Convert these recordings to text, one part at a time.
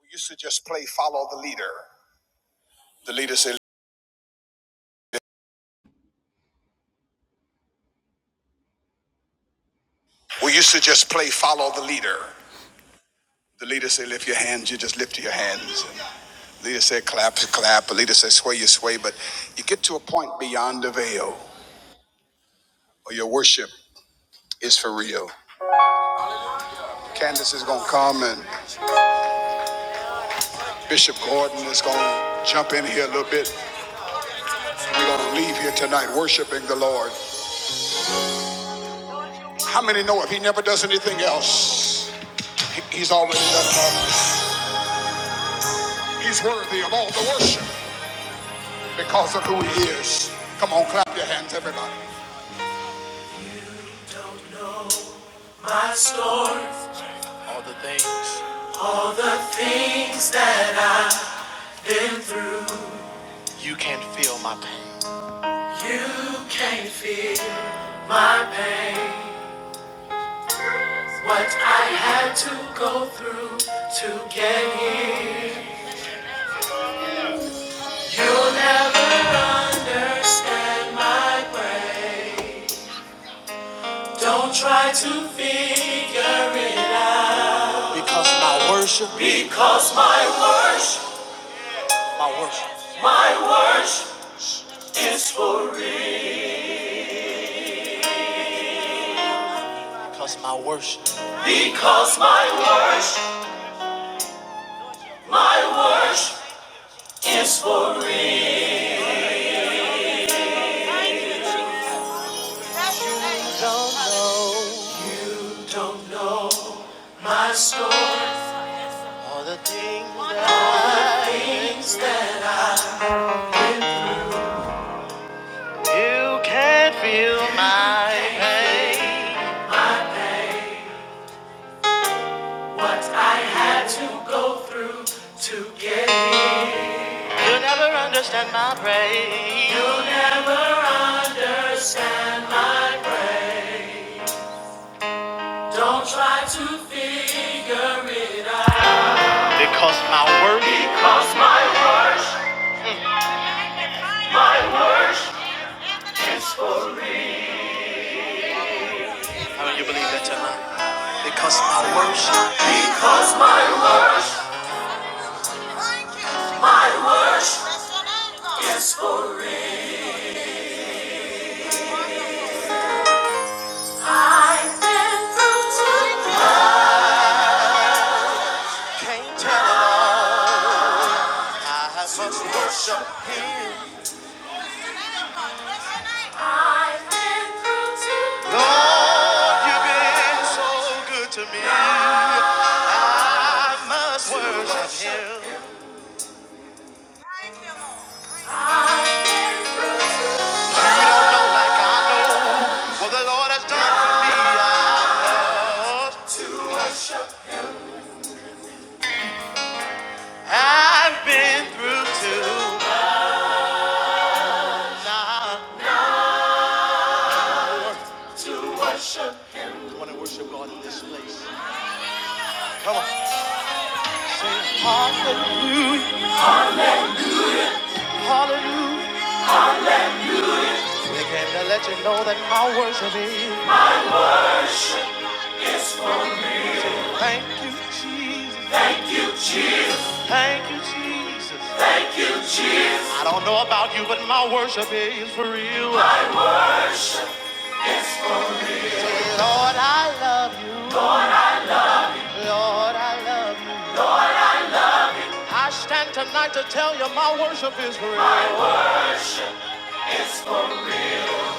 We used to just play follow the leader. The leader said, We used to just play follow the leader. The leader said, Lift your hands. You just lift your hands. And the leader said, Clap, clap. The leader said, Sway, you sway. But you get to a point beyond the veil, where your worship is for real. Candace is going to come, and Bishop Gordon is going to jump in here a little bit. We're going to leave here tonight worshiping the Lord. How many know if he never does anything else, he's already done it He's worthy of all the worship because of who he is. Come on, clap your hands, everybody. You don't know My story, all the things, all the things that I've been through. You can't feel my pain. You can't feel my pain. What I had to go through to get here. You'll never understand my praise. Don't try to figure it out. Because my worship, because my worship, my worship, my worship is for real. Because my worship, because my worship, my worship is for real. Don't know, don't know my story. All the things that, All the things that You can feel my pain. What I had to go through to get here. You'll never understand my pain. You'll never understand my pain. Don't try to figure it out. Because my work. Because my worship. My worship. How do you believe that tonight? Because my worship. Worship. Can't tell it all. I must worship Him. I've been through so much. You've been so good to me. I must worship Him. You don't know like I know what the Lord has done for me. I must. I've been through too much. Now, Come on and worship God in this place. Come on. Sing hallelujah, hallelujah. We came to let you know that my worship is. Thank you, Jesus. Thank you, Jesus. I don't know about you, but my worship is for real. Say, Lord, I love you. Lord, I love you. I stand tonight to tell you my worship is for real.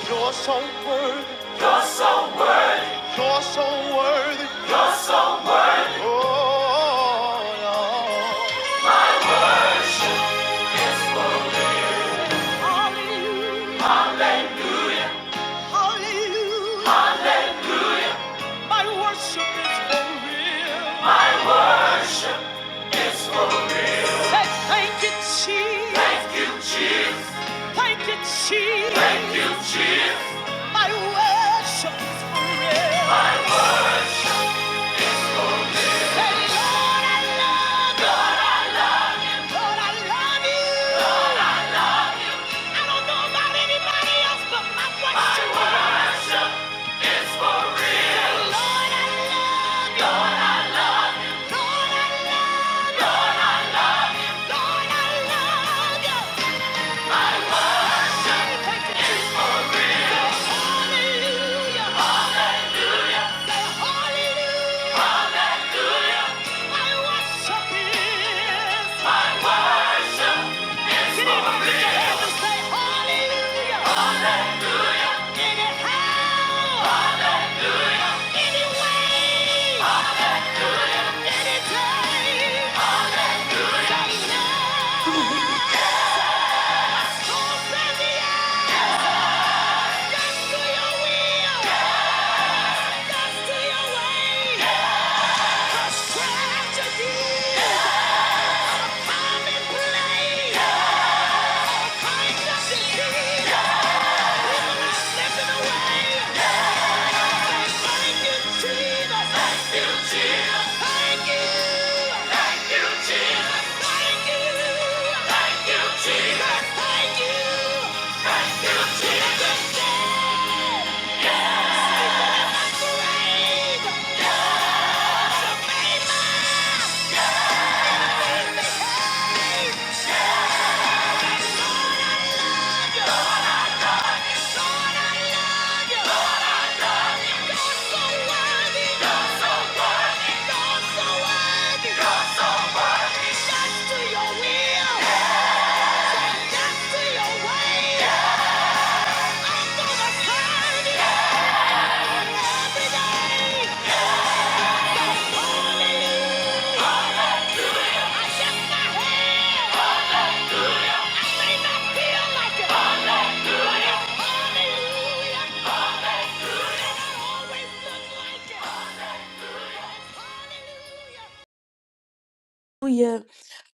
You're so worthy. You're so worthy. Oh, Lord. Hallelujah. My worship is for real. Say, thank you, Jesus. Thank you, Jesus. My worship is forever. Say, Lord, I love you. Lord, I love you. I don't know about anybody else, but my worship. Say, Lord, I love you. Lord, I love you. Lord, I love you. Thank you, Jesus. Hallelujah. Say, Hallelujah. My worship is Can anybody lift say hallelujah? Hallelujah. Anyhow. Hallelujah. Anyway. Hallelujah. Anytime. Hallelujah. Right now. So say yes. Yes to your will. Yes to your way. Cause tragedy. Time and place. All kinds of disease. Yeah! Lord, I love you. Lord, I love you. You're so worthy. You're so worthy. You're so worthy. You're so worthy. Yes to your will. Say yes to your way. Yes. I'm gonna serve you Yes. every day. Yes. So hallelujah. I lift my hands. I may not feel like it, but it's hallelujah. It may not always look like it, but hallelujah. Hallelujah.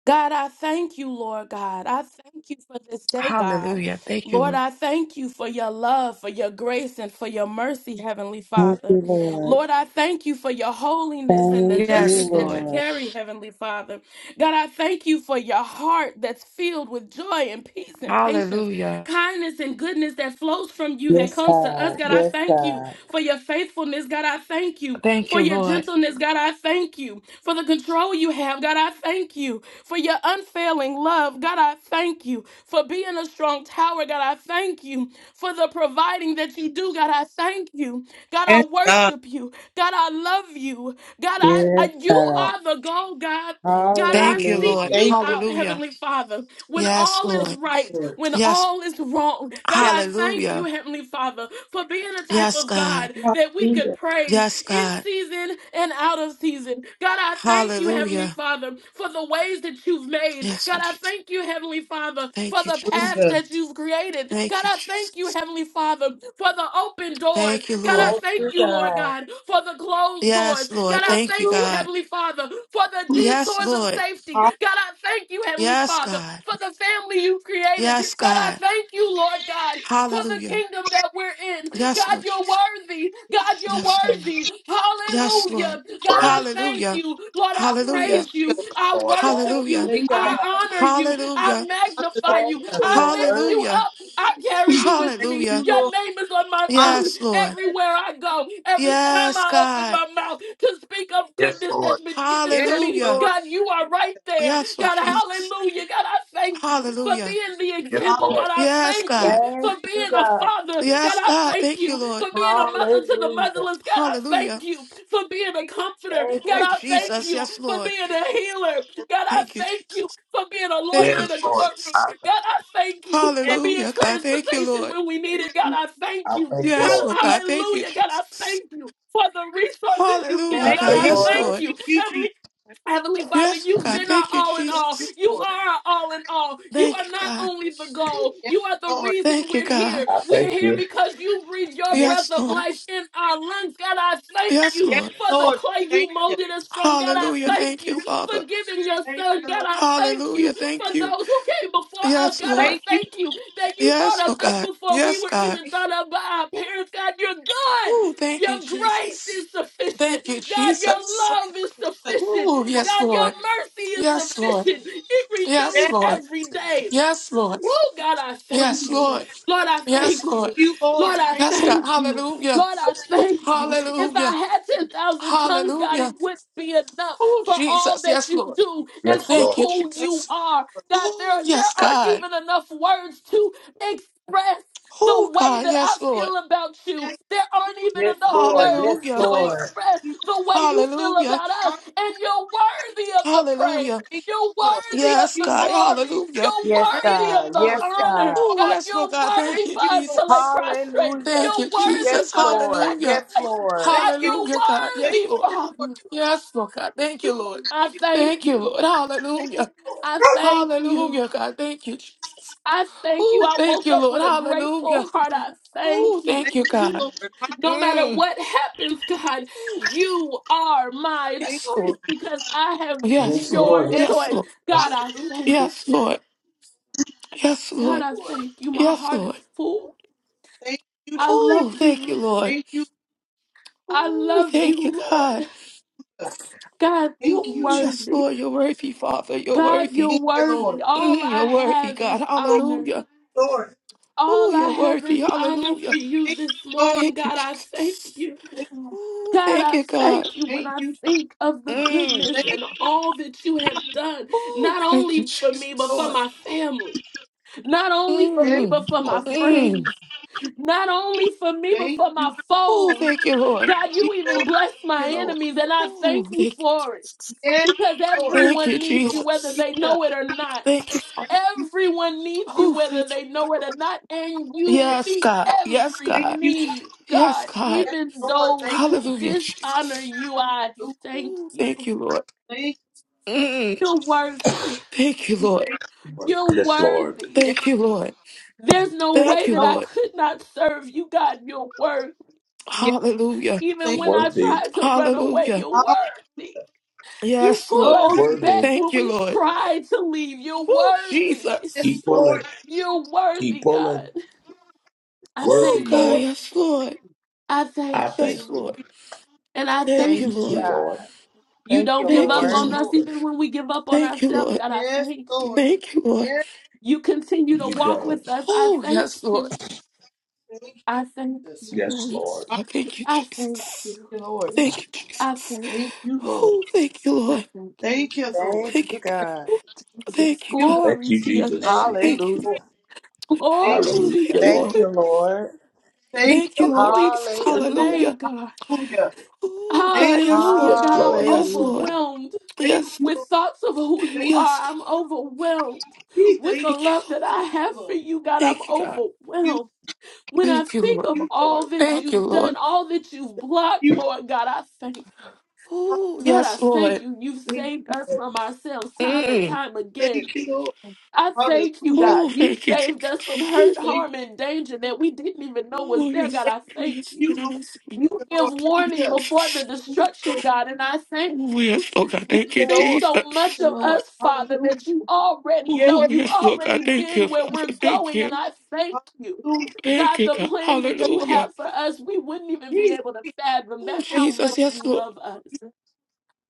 God, I thank you, Lord God. I thank you for this day, God. Hallelujah. Thank you. Lord, Lord. I thank you for your love, for your grace, and for your mercy, Heavenly Thank you, Father. Lord. Lord, I thank you for your holiness and the Thank you, justice Yes, that Lord. you Lord. carry, Heavenly Father. God, I thank you for your heart that's filled with joy and peace and patience, Hallelujah. kindness and goodness that flows from you, that Yes, comes to God. us. God, I Yes, thank you God. for your faithfulness. God, I thank you Thank for you, your Lord. gentleness, God, I thank you. For the control you have, God, I thank you. For your unfailing love, God, I thank you. For being a strong tower, God, I thank you. For the providing that you do, God, I thank you. God, Yes, I God. worship you. God, I love you. God, I, I Yes, you God. are the goal, God. God, I Thank you, seek Lord. Hallelujah. you Thank out, Hallelujah. Heavenly Father, when Yes, all you, yes, is Lord. right, Lord. when Yes. all is wrong. God, Yes, I thank you, Hallelujah. Heavenly Father, for being a type Yes, of God. God that we could hallelujah. praise Yes, in God. season and out of season. God, I thank you, Heavenly Hallelujah. Father, for the ways that you've made. Yes, God, Lord I Jesus. thank you, Heavenly Father, for Thank you, the Jesus. paths Hallelujah. that you've created. Thank God, you, I Jesus. thank you, Heavenly Father, for the open doors. Thank you, God, Lord, I Lord. Thank thank you, you, Lord God. God, for the closed doors. Yes, Lord. God, I yes, Thank you, thank Lord. you, God. Heavenly Father, for the Yes, detours of Lord. safety. Hallelujah. God, I thank you, Heavenly Yes, Father, God. for the family you've created. Yes, God, I God. thank you you, Lord God, for the Hallelujah. kingdom that we're in. Yes, God, Lord you're Jesus. worthy. God, you're Yes, Lord. worthy. Yes, Lord. Hallelujah. God, I Worthy, thank Hallelujah. you. Lord, I Thank Hallelujah. praise Hallelujah. you. I Lord. worship you. Hallelujah. you, Thank you. God. I honor you. I Hallelujah. magnify you. Thank Hallelujah. you, I lift Lord. you Hallelujah. up. I carry you with Thank me. you, Hallelujah. Your Lord. name is on my Hallelujah. tongue Yes, Lord. everywhere I go. Every time Yes, I open God. my mouth to speak of Yes, goodness Lord. that's been given to Yes, me, Hallelujah. Lord. God, you are right there. Yes, Lord God, hallelujah. Jesus. Hallelujah. God, I thank you for Hallelujah. being the Yes, example. Hallelujah. Lord. God, I Yes, thank you God. Thank for you, being a God. father. God, Yes, I God. thank Thank you, you for Lord. being a mother to the Hallelujah. motherless. God, I thank Hallelujah. you for being a comforter. Thank God, you, Thank Oh, I Lord. thank you. Jesus. you Yes, for Lord. being a healer. God, I Thank you, thank you Jesus. for being a Thank lawyer you, in Yes, a Lord. courtroom. Jesus. I, th- God, I thank you for Yes. Thank being Hallelujah, God. Thank you, transportation Lord. when we need it. God, you, I thank I you. thank you, Yes, Hall- Lord. Lord Jesus. God. Thank you, Hallelujah. God, I Jesus. thank you for the resources you Thank Hallelujah, give. I Thank God, you, God. I thank you. you. Yes, Lord. thank Lord. you. Thank you, Jesus. Heavenly Father, Yes, you've God. been our Thank you, all in Thank all. you, Jesus. You Lord. are our all in all. You Thank are you, not God. only the goal, Yes, you are the Lord. reason Thank you, we're God. here. I We're thank here you. because you breathe your Yes, breath Yes, of Lord. Lord. life in our lungs. God, I thank Yes, you Yes, Lord. for the Lord. clay Thank you you. molded us from. God, I Hallelujah. thank Thank you, you for Father. giving your Thank son. you, God, Lord. I thank Hallelujah. you for Thank you. those who came before us. Yes, God, I Lord. Thank you. thank you that you thought Yes, Lord of us God. before we Yes, were God. even Thank thought of by our parents. God, you're good. Oh, thank you, Your grace Jesus. is sufficient. Thank you, God, your you, Jesus. Lord. love is Yes, sufficient. Oh, Lord. yes, God, your Lord. mercy is Yes, Lord. sufficient. It Yes, Yes, renews Lord. every day. Yes, Lord. Oh, God, I thank Yes, you. Lord. Lord, I Yes, thank Lord. you. Lord, Lord. I Thank Yes, God. thank you. Hallelujah. Lord, I you, thank you. If Hallelujah. I had 10,000 tongues, God, it Hallelujah. wouldn't be enough Oh, for all Jesus. that Yes, you Lord. do and Yes, for Thank Lord. you, who Lord. Thank you Jesus. are. God, there, Oh, yes, there aren't God. even enough words to express the Oh, way God. that I Yes, Lord. feel about you. you. There aren't even Yes, enough Lord. Thank words Yes, to Hallelujah. you, Lord. Lord. express Thank you, the way you feel Hallelujah. about us. And you're worthy of the praise. Hallelujah. You're Father. worthy Thank of Yes, the you, Lord. God. glory. Hallelujah. You're Yes, Thank worthy of you, God. the Yes, Lord. Thank you, honor. God. Oh, Lord. God, yes, Lord you're God. Thank Thank worthy you, for you, us Lord. to lay Jesus. prostrate. Hallelujah. Thank You're you, Thank you, Lord. Thank you, Lord. Yes, worthy Jesus. for Ah, the Lord. Hallelujah. Yes, sacrifices. Lord. Thank God, you, you're Hallelujah, God. thank Yes, worthy, you, Lord. Lord. Father. Yes, Lord God. Thank You, you, Lord. Lord. I Thank you, thank Thank you, you. Lord. thank you, Hallelujah. Lord. I thank you. Hallelujah, God. Thank you, Jesus. I thank you. Oh, I thank woke you, up Lord. with a grateful Hallelujah. heart. I thank Oh, thank Thank you, you. you, God. Lord. Hallelujah. No matter Mm. what happens, God, Ooh, you are my Thank- Yes, choice Lord. because I have Yes, been Yes, Lord. your Lord. Yes, Yes, choice. Lord. Lord. Yes. Yes. God, I Hallelujah, thank you. Yes, Lord. Yes, God, Lord. I Lord. thank you. My Yes, heart is Lord. full. Thank you, I Jesus. Oh, love you, thank you, Lord. Lord. thank you, I Oh, love thank thank you, you, Lord. God. you, God, you're thank you, Oh, Jesus. yes, worthy. Lord. You're worthy, Father. You're God, worthy. you're Thank you, worthy. Lord. All Mm, I you're worthy, have God. is Lord, honor. Hallelujah. Lord. Oh, All I you're have worthy. is honor for Hallelujah. you Thank this you, Lord. morning. Thank you, God, I thank Jesus. you. Thank, Oh, God, thank I you, God. thank you when thank I you, Jesus. think of the Mm. goodness thank and all that you have done, Oh, not thank you, only for you, me, but for Lord. Jesus. my family, not only for Yes, me, but Mm. for my Lord. Yes, Mm. friends. you. Not only for me, but Thank for you. my Oh, foes. thank you, Lord. God, you, you even Lord. bless my Thank you, Lord. enemies, and I thank Oh, you thank you, for it Jesus. Yes, because Lord. Thank you, everyone needs you Lord. Jesus. whether Thank they you. know it or not. Thank you, Father. Thank you. Everyone needs you Whew, Hallelujah. whether thank they know it or not, and you. Yes, you Yes, meet God. God. Yes, every Thank God. you, Jesus. need, Yes, God, God. Yes, even Lord. Thank those who Hallelujah, dishonor Jesus. you. I you. thank Ooh, Thank you. you, Lord. Thank you. Mm. You're worthy. Thank you, We Lord. thank you, Lord. You're Yes, Lord. Yes, worthy. Thank you, Lord. There's no yes, Thank way you, that I Lord. Lord. could not serve you, God. You're worthy. Yes, Hallelujah. Even thank you. when I Worthy. tried to run away, Hallelujah. you're Hallelujah. worthy. You Yes, pull Lord. us Oh, back Worthy. Thank when you, yes, we Lord. try to leave. You're Oh, worthy. yes, Keep Jesus. pulling. Lord. You're Keep worthy, God. pulling. I Oh, Worthy, thank God. Lord. you. Yes, Lord. I I thank We thank thank Yes, you. you. Lord. you. And I Thank Thank you, Thank You you, thank too, Lord. you. Lord. God. You Thank you, don't We give Thank thank up What you, Lord. you, on you Lord. us Lord. say. even when we give up on Thank you, ourselves. Lord. God, I Yes, thank Lord. you. Thank you, Lord. Yes, You continue to You walk don't. with us. I Oh, thank yes, Lord. you. thank you, I thank Jesus. you. Oh, Yes, yes, Lord. God. Thank you, I thank Jesus. you. Hallelujah, Lord. Thank you, I Jesus. thank Thank you, Oh, Lord. thank you, I Lord. thank you. Thank you, Thank Lord. Thank you, you, God. God. Ooh, Thank Jesus, Thank you, you, God. Lord. Thank glory you, to your Jesus. name. Thank Thank you, you. Hallelujah. Lord. Thank Glory Oh, Hallelujah, to your thank you. you, Lord. name. Thank Lord. you, Lord. Thank Thank you, you, Lord Lord. Glory Jesus. to your Lord. Hallelujah. name, Hallelujah. God. Hallelujah. Oh, Thank, God. Yes, Hallelujah, Lord. Yes, God. I'm Lord. Yes, Lord. Hallelujah. overwhelmed. thank Yes, you, Lord. with Lord. thoughts of who you Thank are. Yes, I'm Lord. overwhelmed you, with thank the Thank you, love Lord. that I you, have for Lord. you, God. I'm Thank you, God. You, overwhelmed. When I Thank you, think Lord. of you, Lord. all that Thank you, you've Lord. Hallelujah. done, all that you've Thank blocked, You, Lord God, I thank Lord. Oh, God, I yes, thank Lord. you. You've Thank you, saved us Lord. from ourselves time and Mm. time again. Thank you, Lord. I thank you, Hallelujah. God. Oh, You thank you, saved us Jesus. from hurt, Thank, harm, and danger that we didn't even know was Oh, there, God. yes, thank I thank yes, you. yes, you, Lord. yes, thank You Thank you, Lord. give Thank you, you. warning before the Jesus. Thank you, destruction, Lord. God, and I thank Oh, yes, oh God, you thank Thank you, you, think Lord. so Jesus. Thank much you, of us, Lord. Father, Hallelujah. that you already Yes. know. Oh, You've yes, Lord God. already Thank you, been where Father. we're Thank going, you. and I thank you. Hallelujah. Thank God, you, the God. plans Thank that you, you Lord. Hallelujah. have for us, we wouldn't even be Jesus. able to fathom. Oh, That's how Jesus. much Yes, you Lord. love us.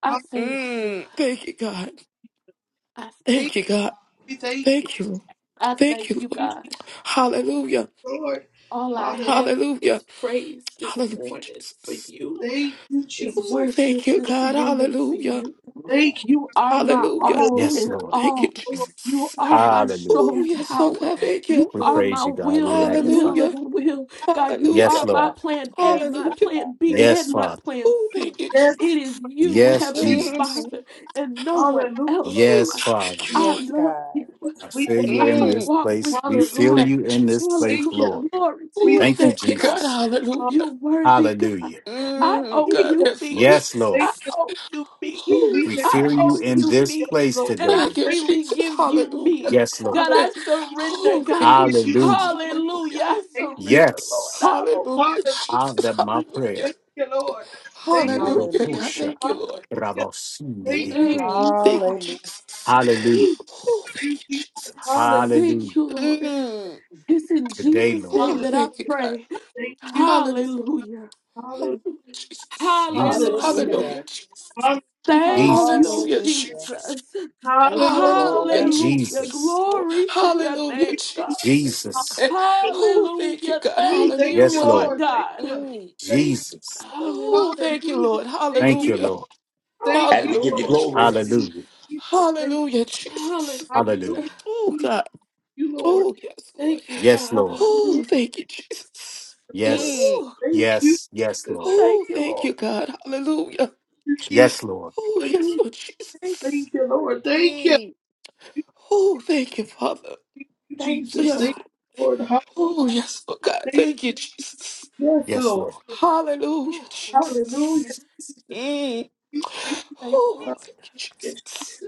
I thank you. Mm. Thank you, God. I thank Thank Thank you, Lord. you, you. God. Hallelujah. Thank you, thank you. Thank Thank you. I Thank thank you, you, Lord. you, God. Jesus, Hallelujah. Lord. All I Hallelujah. have is Hallelujah. praise this Hallelujah, morning for Jesus. you, Thank you, is Jesus. Oh, worship thank you, this God. morning for Hallelujah. you. Thank you. You are my Hallelujah. all Hallelujah. Yes, in Lord. Thank you, all. Lord, You Jesus. are my Oh, Hallelujah. strong yes, Lord tower. God. thank Thank you. You We you, Lord. are praise my you, God. We will in the Thank magnify middle you. of Hallelujah. a will. God, you Yes, Yes, are Hallelujah. my God. Lord. plan you, A, Yes, my God. Hallelujah. plan B, thank you. Yes, and my Father. plan Oh, C. thank you, Yes, It Jesus. is we you, thank Yes, you. Heavenly Jesus. Jesus. Mm. Father, and no one Hallelujah. else, Oh, Yes, God. God. Thank Father. you, Lord. I Yes, love God. you. I We feel thank you. you I in this Mm, walk with place. We you, feel Hallelujah. God. thank you you, in this Jesus. place, Thank you. Lord. Hallelujah. Glory to We your Oh, Thank you, name, thank you, God. God. Jesus. Hallelujah. thank You're worthy, God. Hallelujah. I Mm, owe you. God, you yes, Lord me. Yes, Lord. Thank I you. Jesus. owe you me. We, Oh, we thank We thank I feel you, you. you owe Jesus. in you this Yes, me. place Lord. And We today. I Thank you, thank freely Jesus. give you Hallelujah. me. Yes, you. Lord. God, Hallelujah. I surrender, Oh, thank God. you, Give you Jesus. Hallelujah. all Hallelujah. Hallelujah. I the glory. Thank you. surrender, Lord. Yes. I owe Hallelujah, Hallelujah. How Jesus. that my Jesus. Hallelujah. prayer. Thank you, Lord. you. Thank you, Glory Hallelujah. Hallelujah, to your Jesus. God. name, Yeridokosha, Thank you, God. Lord. Hallelujah. Thank rabosindi, you, Thank Mm, you, thank you, Father. Hallelujah. Jesus. Hallelujah. Jesus. Oh, thank You, you, Jesus. Hallelujah. Jesus. Hallelujah. Thank you, Lord. Mm, It's in today, Jesus' Lord. name oh, that Hallelujah. I thank you, pray. Thank you. God. Hallelujah. Hallelujah. Hallelujah, Jesus. Jesus, Hallelujah. Hallelujah. Hallelujah, Hallelujah. Jesus. Hallelujah. Thank you, Jesus, Hallelujah, Hallelujah. Jesus. Jesus. Thank Hallelujah. you, Hallelujah, Lord. Thank Hallelujah. Jesus. Jesus, you, Lord. Glory to your Hallelujah, name, God. Jesus. Jesus. Eh, Oh, thank you, Hallelujah. God. Thank Thank you, you, Yes, Hallelujah. Lord Lord. Lord. Thank God. Mm. you. Thank you, Jesus. Lord. Hallelujah. Oh, thank you, Hallelujah. Lord. Thank Thank you, you, Hallelujah. Lord. Lord. Thank And you, we give you Hallelujah, Lord. glory. Jesus. Hallelujah. Hallelujah. Jesus. Thank you. Hallelujah, Jesus. Hallelujah. Hallelujah. Hallelujah. Oh, Jesus. God. You, Lord. Oh, yes, Lord. Thank you, Yes, Lord. Father. Hallelujah, Oh, thank you, Jesus. Lord. Yes, Mm. Ooh, Thank you, Jesus. yes, yes, Thank Lord. thank Oh, you, thank Lord. you, God. Hallelujah. you, Jesus. Yes, Lord. Oh, yes, Hallelujah. Lord Thank you, Jesus. Thank you, Lord. Lord. Thank you. Mm. Thank Oh, thank you, Father. you, Thank you, Jesus. Yes, God. Thank Lord. you, Lord. Hallelujah. Oh, yes, Lord God. Thank you. Thank you, Jesus. Yes, Yes, Lord. Lord. Hallelujah, Oh, my goodness. Hallelujah. Jesus. Jesus. Jesus. Mm. Thank you. Thank you, Oh, Lord. thank you, Hallelujah. Jesus.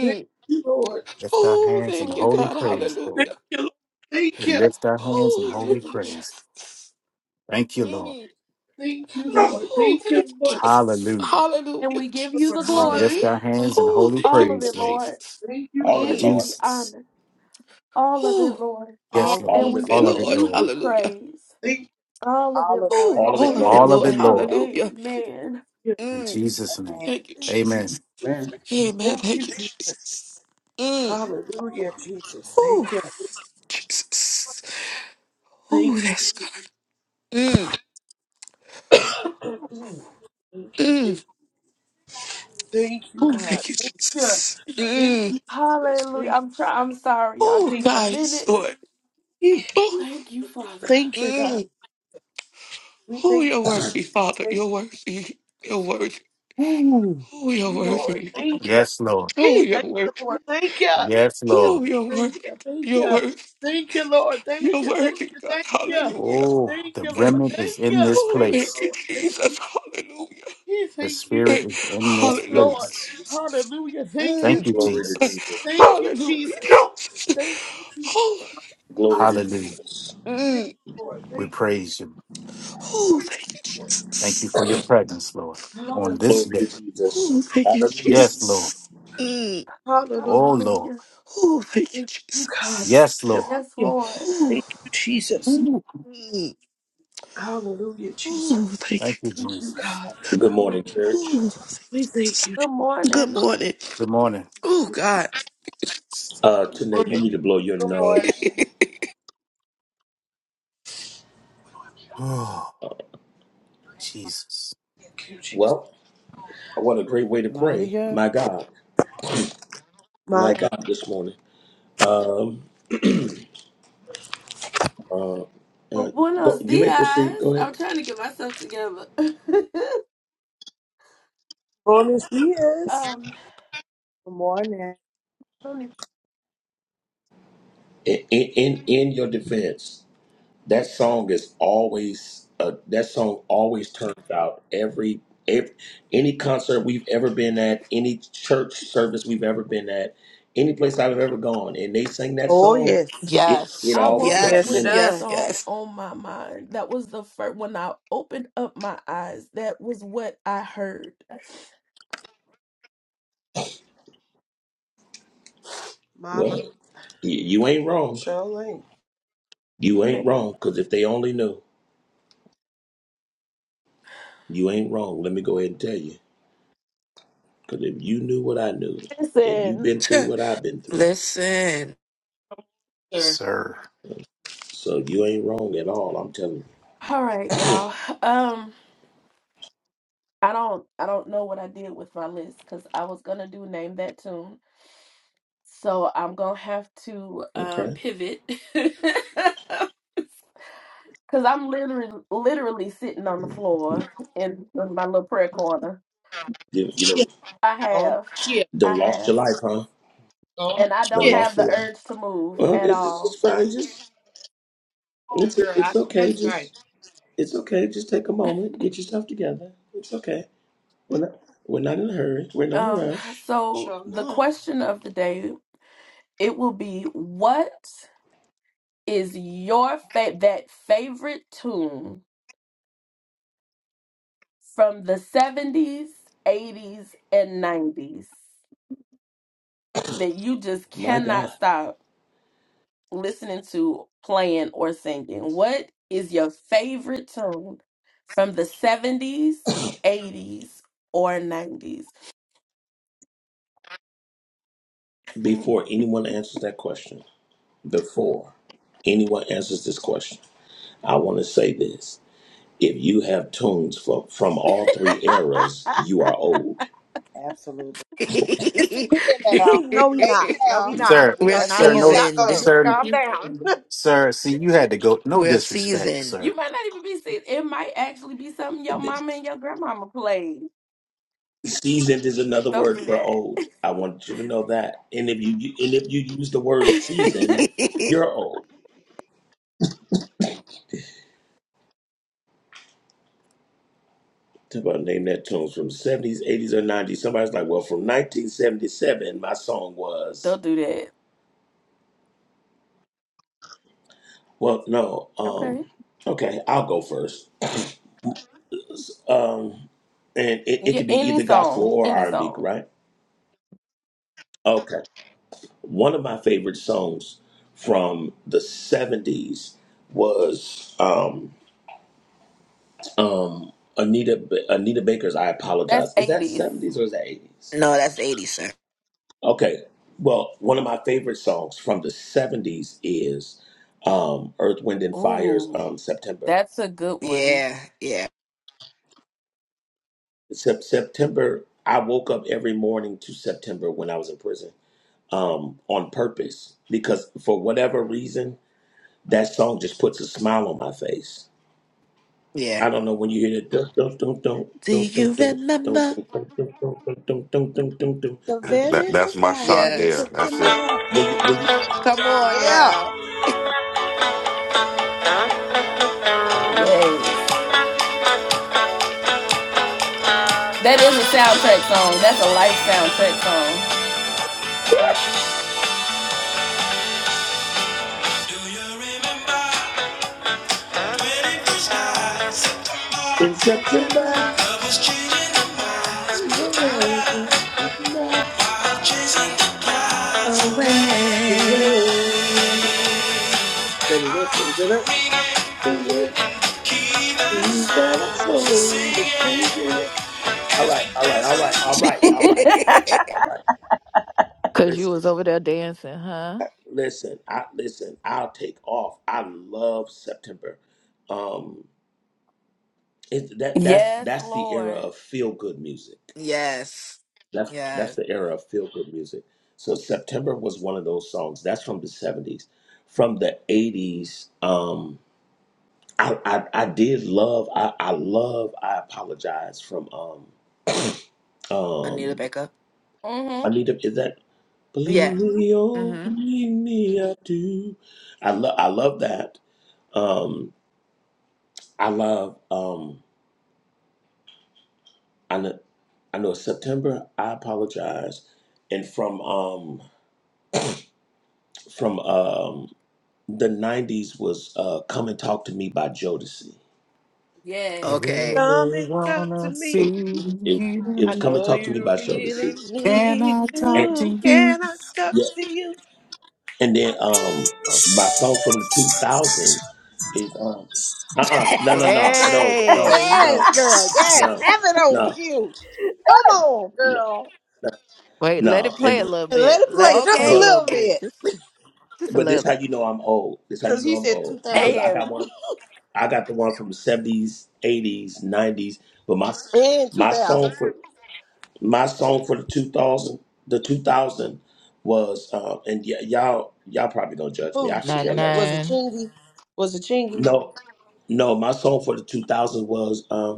Thank you, Lord. Lift our Oh, hands in thank you, holy God. Hallelujah. praise, Thank Lord. Hallelujah. you, Lord. Thank We you. lift our hands in Oh, holy thank you, Hallelujah. praise. Jesus. Thank you, Lord. Mm. Thank you, Lord. Oh, Thank you, thank you, Lord. Jesus. Hallelujah. And Hallelujah, we give you Lord, the Jesus. We hallelujah. glory, lift our hands in Oh, holy thank all you, of Lord praise, it, Lord. Lord. Jesus. Thank you, We All of Lord. it, give Mm. you Lord. the Jesus. honor, all of it, Oh, Lord. Oh, All Yes, of Lord. you, All And all of of we it, it, All Lord. of give Lord. it, Lord. you Lord. the Hallelujah. praise. thank you. All of All it, of Lord, you, Oh, Oh, All in of all it, Lord. of it, Lord. All Jesus' of Lord. it, name. Lord. Hallelujah. Amen. yeah. In Mm. Jesus' name. Amen. Thank you, Thank you, Jesus. Amen. Jesus. Amen. Amen. Thank you, Thank you, Jesus. Jesus. Mm. Hallelujah, Jesus. Ooh, Thank you. Jesus. Oh, Thank you. that's good. Mm. Mm. Thank you, Mm. Jesus. Thank you, Oh, God. thank you, Thank you. Jesus. Thank Mm. you, Jesus. Hallelujah. Thank I'm try- I'm sorry, y'all. you. Oh, Give Thank me a God yes, minute. Lord. you. Oh, Thank you, Father. Thank you, God. mm. We oh, thank you're you. worthy, Father. Thank You're worthy. you. You're worthy. Ooh. Oh, Thank you're you, Lord. worthy. Thank you. Yes, Lord. Oh, Hey, you're thank you, Lord. worthy. Thank you. Yes, Thank Lord. Oh, you're you, worthy. thank You're you, worthy. thank you, Lord. Thank You're you, thank worthy, you, God. thank you, Hallelujah. Oh, thank the you, Eh, Lord. remnant is Thank in you, this Oh, thank you, thank place. you, Lord. Thank Jesus. Hallelujah. you, The thank you. spirit Eh, is in this Yes, Hallelujah. Lord. place. Hallelujah. Thank you, Thank Mm. you, Glory Jesus. to Jesus. Jesus. Thank you, Hallelujah. Jesus. Thank you, Jesus. Oh, Glory Hallelujah. to Hallelujah. Jesus. Thank mm. you, Lord. We Thank praise you. oh, thank you, you, Lord. Thank you Jesus. for your presence, Lord, Hallelujah. on this Glory to day. Jesus. Oh, thank you, Thank you. Hallelujah. Yes, Lord. Jesus. Mm. Hallelujah. Oh, Lord. Hallelujah. Oh, thank you, Thank you, God. Jesus. Thank Yes, you. Lord. Yes, Thank you, Lord. Oh, Thank you, Jesus. Ooh. mm. Hallelujah, Jesus. oh, thank Thank you. you, Thank you, Jesus. God. Good morning, Hallelujah. church. Oh, We thank you, Good good morning. morning. Good morning. Oh, Jesus. God. Uh, Good Tanae, you morning. need to blow your Good nose. morning. Oh, Jesus. Thank you, Jesus. Well, what a great way to Mighty pray. good. My God. My My God. God, this morning. Um, uh, Well, uh, go, buenos you may proceed. dias. Go ahead. I'm trying to get myself together. Bonus yes. um, Good morning. honey, In, in, in in your defense. that song is always uh, that song always turns out every, every any concert we've ever been at any church service we've ever been at any place i've ever gone and they sing that Oh song yes. it, Yes, it I always woke takes up a Yes it with yes, minute that does. yes, song yes. on my mind. That was the first when I opened up my eyes. That was what I heard. My well my y- you ain't wrong Charlene. you ain't Man. wrong because if they only knew you ain't wrong let me go ahead and tell you because if you knew what i knew and you've Listen. been Tch, through what i've been through Listen. Sure. Sir. so you ain't wrong at all i'm telling you All right, y'all. Um, I don't I don't know what I did with my list because I was gonna do name that tune. So I'm gonna have to um okay pivot. Cause I'm literally literally sitting on the floor in my little prayer corner. you, you know Shift. I On have. shift. done I lost your have. life huh On And I The don't lost have your shift. the life. urge to move Well, at it's, it's it's all. fine. Just Oh it's girl, I, it's okay. that's right. Just it's okay. Just take a moment. Get yourself together. It's okay. We're not we're not in a hurry. We're not in a Um, rush. so Sure the not. question of the day, it will be what is your fa- that favorite tune from the 70s, 80s, and 90s that you just My God. cannot stop listening to, playing, or singing? What is your favorite tune from the 70s, 80s, or 90s? Before anyone answers that question, before anyone answers this question, I want to say this. If you have tunes from from all three eras, you are old. Absolutely. Listen here now. no, we Wait not. No, we now. Sir. not. We We're are That's not Sir, what we're no. old, not seasoned. gonna do. sir. Sir. Calm down. Sir, see, you had to go. No We're disrespect, seasoned. sir. you might not even be sick. It might actually be something your mama and your grandmama played. Seasoned is another Don't word do for that. old. I want you to know that. And if you and if you use the word seasoned, you're old. Talk about name that tunes from 70s, 80s, or 90s. Somebody's like, well, from 1977, my song was. Don't do that. Well, no. Um, Okay. okay, I'll go first. Um, and it, it Yeah, could be any either gospel song, or any R&B, song. right? Okay. One of my favorite songs from the 70s was um, um, Anita Anita Baker's "I That's Apologize." Is that 80s. 70s or is that 80s? no, that's 80, sir. Okay. Well, one of my favorite songs from the 70s is um, Earth, Wind, and Fire's Ooh, um, September. that's a good one. Yeah, yeah, Sep- September, I woke up every morning to September when I was in prison um, on purpose because for whatever reason, that song just puts a smile on my face. yeah. I don't know when you hear that. Don't, don't, don't, Do don't, don't, you don't, don't, don't, don't, remember? don't, don't, don't, don't, don't, don't, don't. The That very that's first my night shot in there. Yes. That's it. September. When you, when you, Come on yeah. now. Yes. That is a soundtrack song. That's a life soundtrack song. in September, September the away. way. Da-da-da-da-da-da. Sing it. He's got a soul, but sing it. All right, all right, all right, all right, all right, all right. Cause you Listen, was over there dancing, huh? listen, I listen. I'll take off. I love September. Um, it, that that's Yes, that's the era Lord. of feel good music. yes. That's that's Yes. the era of feel good music. So September was one of those songs. That's from the seventies. From the eighties, I, I I did love I I love I apologize from um Anita um Baker. Mm-hmm. Anita is that believe Yeah. me oh Mm-hmm. believe me I do I love I love that um I love um I know I know it's September I apologize and from um from um the '90s was uh come and talk to me by Jodeci I Yes. really Okay. Come and talk to wanna me. see it it, it was I you. come and know talk to me by you really Jodeci Can need I and talk to to. you? Can I talk yeah. to you? And then um my song from the two thousands is um uh uh no no no no no Hey, no Yes, girl. Yes. no Have it on no cue. Come on, no girl. Wait, let no it play and a little And let bit. it Let play it just play a a okay. but little little bit. bit. Just just a but this little how bit. you know I'm old. This how you Cause know he I'm said two old because I thousands. got And one I got the one from the seventies, eighties, nineties. But my And two my song thousands. for my song for the two thousand the two thousand was um and y- y'all y'all probably gonna judge me. Who I could ching Ninety care less. was it nine. Chingy? Was it Chingy? No no my song for the two thousand was um.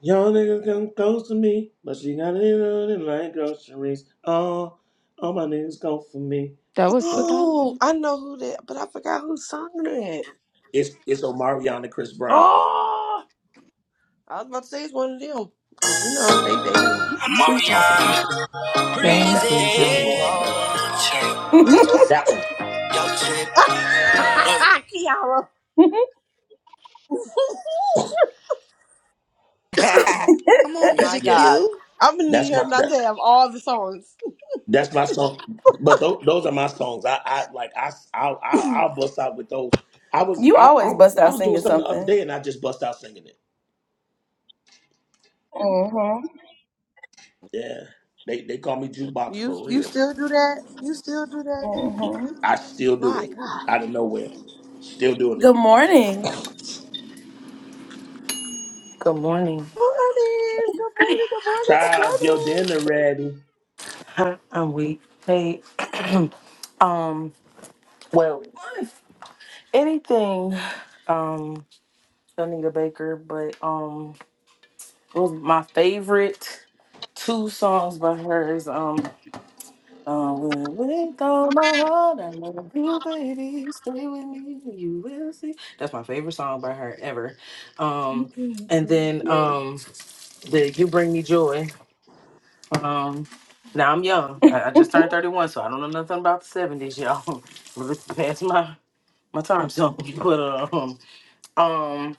Y'all niggas come close to me, but she got it on it like groceries. Oh, all my niggas go for me. That was two But Oh, thousand. I know who that but I forgot who sung that. it's it's Omarion and Chris Brown. Oh I was about to say it's one of them. Cause you know, they they them sweet talking people. Nah, Things that we th- this one talking. was something else. You just That one, Kiara. Come on, My that music yeah, God. cue. I'm gonna that's need her my not that to have all the songs. that's my song. But tho- those are my songs. I, I like I I I'll bust out with those. I was you I, I always bust I out was doing singing something the other day something. and I just bust out singing it. Mm-hmm. Yeah, they they call me jukebox You for you real. still do that? You still do that? Mm-hmm. I still do My it God. out of nowhere. Still doing it. Good morning. Good morning. Morning. Good morning. Good morning. Charles, your dinner ready. Hi, I'm weak. Hey, um, well, anything, um, Anita Baker, but um, it was my favorite two songs by her is um, uh, with all my heart, I love you, baby, stay with me, you will see. That's my favorite song by her ever. Um, Mhm, and then sure. um, the You Bring Me Joy. Um, now I'm young. I, I just turned 31, so I don't know nothing about the 70s, y'all. Well, it's past my my time zone. But um, um,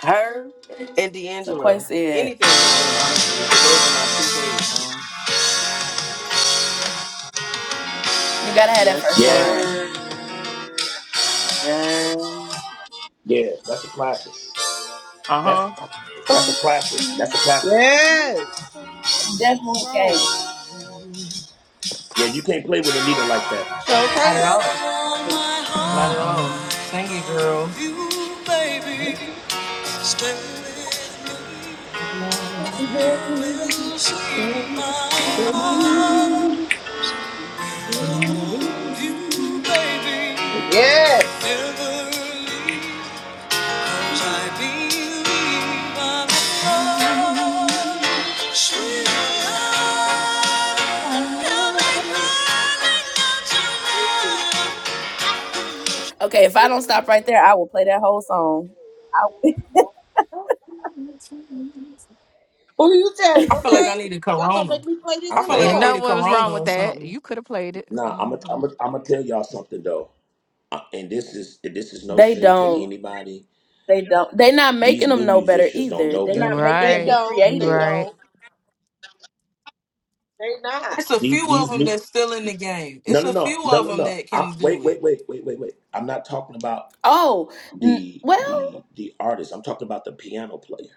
her and So Quay D'Angelo. said, Anything by them, honestly. But those are my two favorite songs. you gotta have that Yes, first Yes, line. sir. Yeah. yeah, that's a classic. Uh That's huh. that's a classic. That's a Good classic. morning. Yes. Come Definitely on. came. Yeah, you can't play with Anita like that. Not at Showcase. all. Not at Mm-mm. all. Sing it, girl. I love you, baby, and we will see. Yes. I love you. Okay, if I don't stop right there, I will play that whole song. I- Who you telling? I feel like Okay. I need a Y'all gonna Corona. make me play this I'm, I in the feel I'm like And I need no car. a what was wrong Corona with or that. something. You could have played it. nah. hmm I'm i I'm i I'm gonna tell y'all something though, uh, and this is this is no they shade to don't. anybody. They don't. They're not These making them new know better musicians don't either. know They're You not better. making They them right. be don't. You They creative. right. don't. They not. It's a These, few of these them new that's still in the game. no It's no a no few no of no them no. that I, can wait do it. wait wait wait wait wait. I'm not talking about Oh, n- the the well, the artist. I'm talking about the piano player.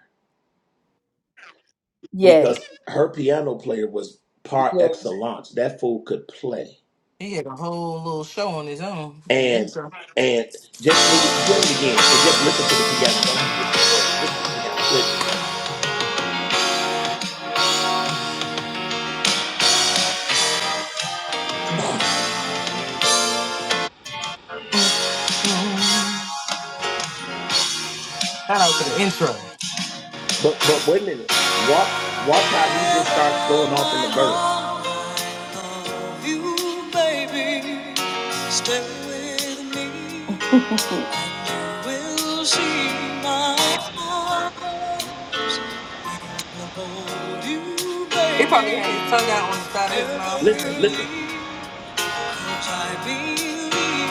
yes, because her piano player was par yes. excellence. That fool could play. He had a whole little show on his own in the And intro. and just when you play it again and just listen to the piano. Don't even listen to the words. Listen to the piano. Play it again. Shout out to the intro. But but wait a minute. Watch watch how he just starts going off in the verse. Will she not hold you, He probably baby? had his tongue out on the side of his mouth Never and Listen, listen. everything. leave.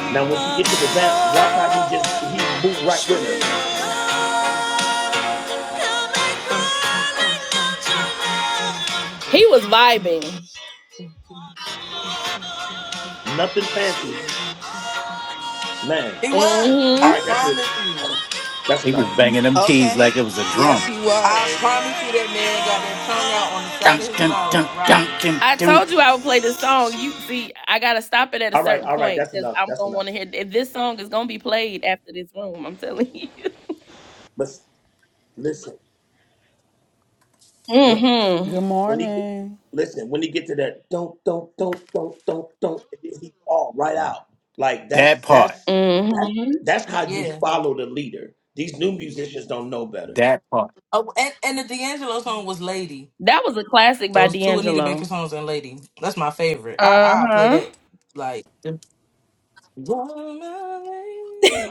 Now when she get to the vamp, watch how he just he move right with her. He was vibing. Nothing fancy. Man. He was. All hmm I right, that's it. promise you. That's He was enough. banging them keys Okay. like it was a Yes, drum. he I was. promise you that man got that tongue out on the side of Dun, his dun, mouth dun, dun, rocking. dun, I dun. told you I would play this song. You see, I gotta stop it at a All right, certain all right, point that's because enough. I'm That's gonna want enough. to hear. If this song is gonna be played after this room, I'm telling you. But s- listen. Mm-hmm. Good When he get, morning. listen, when he get to that don't don't don't don't don't don't, and then he fall right out. Like That that's part. that's that's Mm-hmm. that's how you Yeah, follow the leader. These new yeah. musicians don't know better. That part. Oh, and, and the D'Angelo song was Lady. That was a classic by Those two Anita Baker D'Angelo. songs and Lady. That's my favorite. I I play Uh-huh. that like the-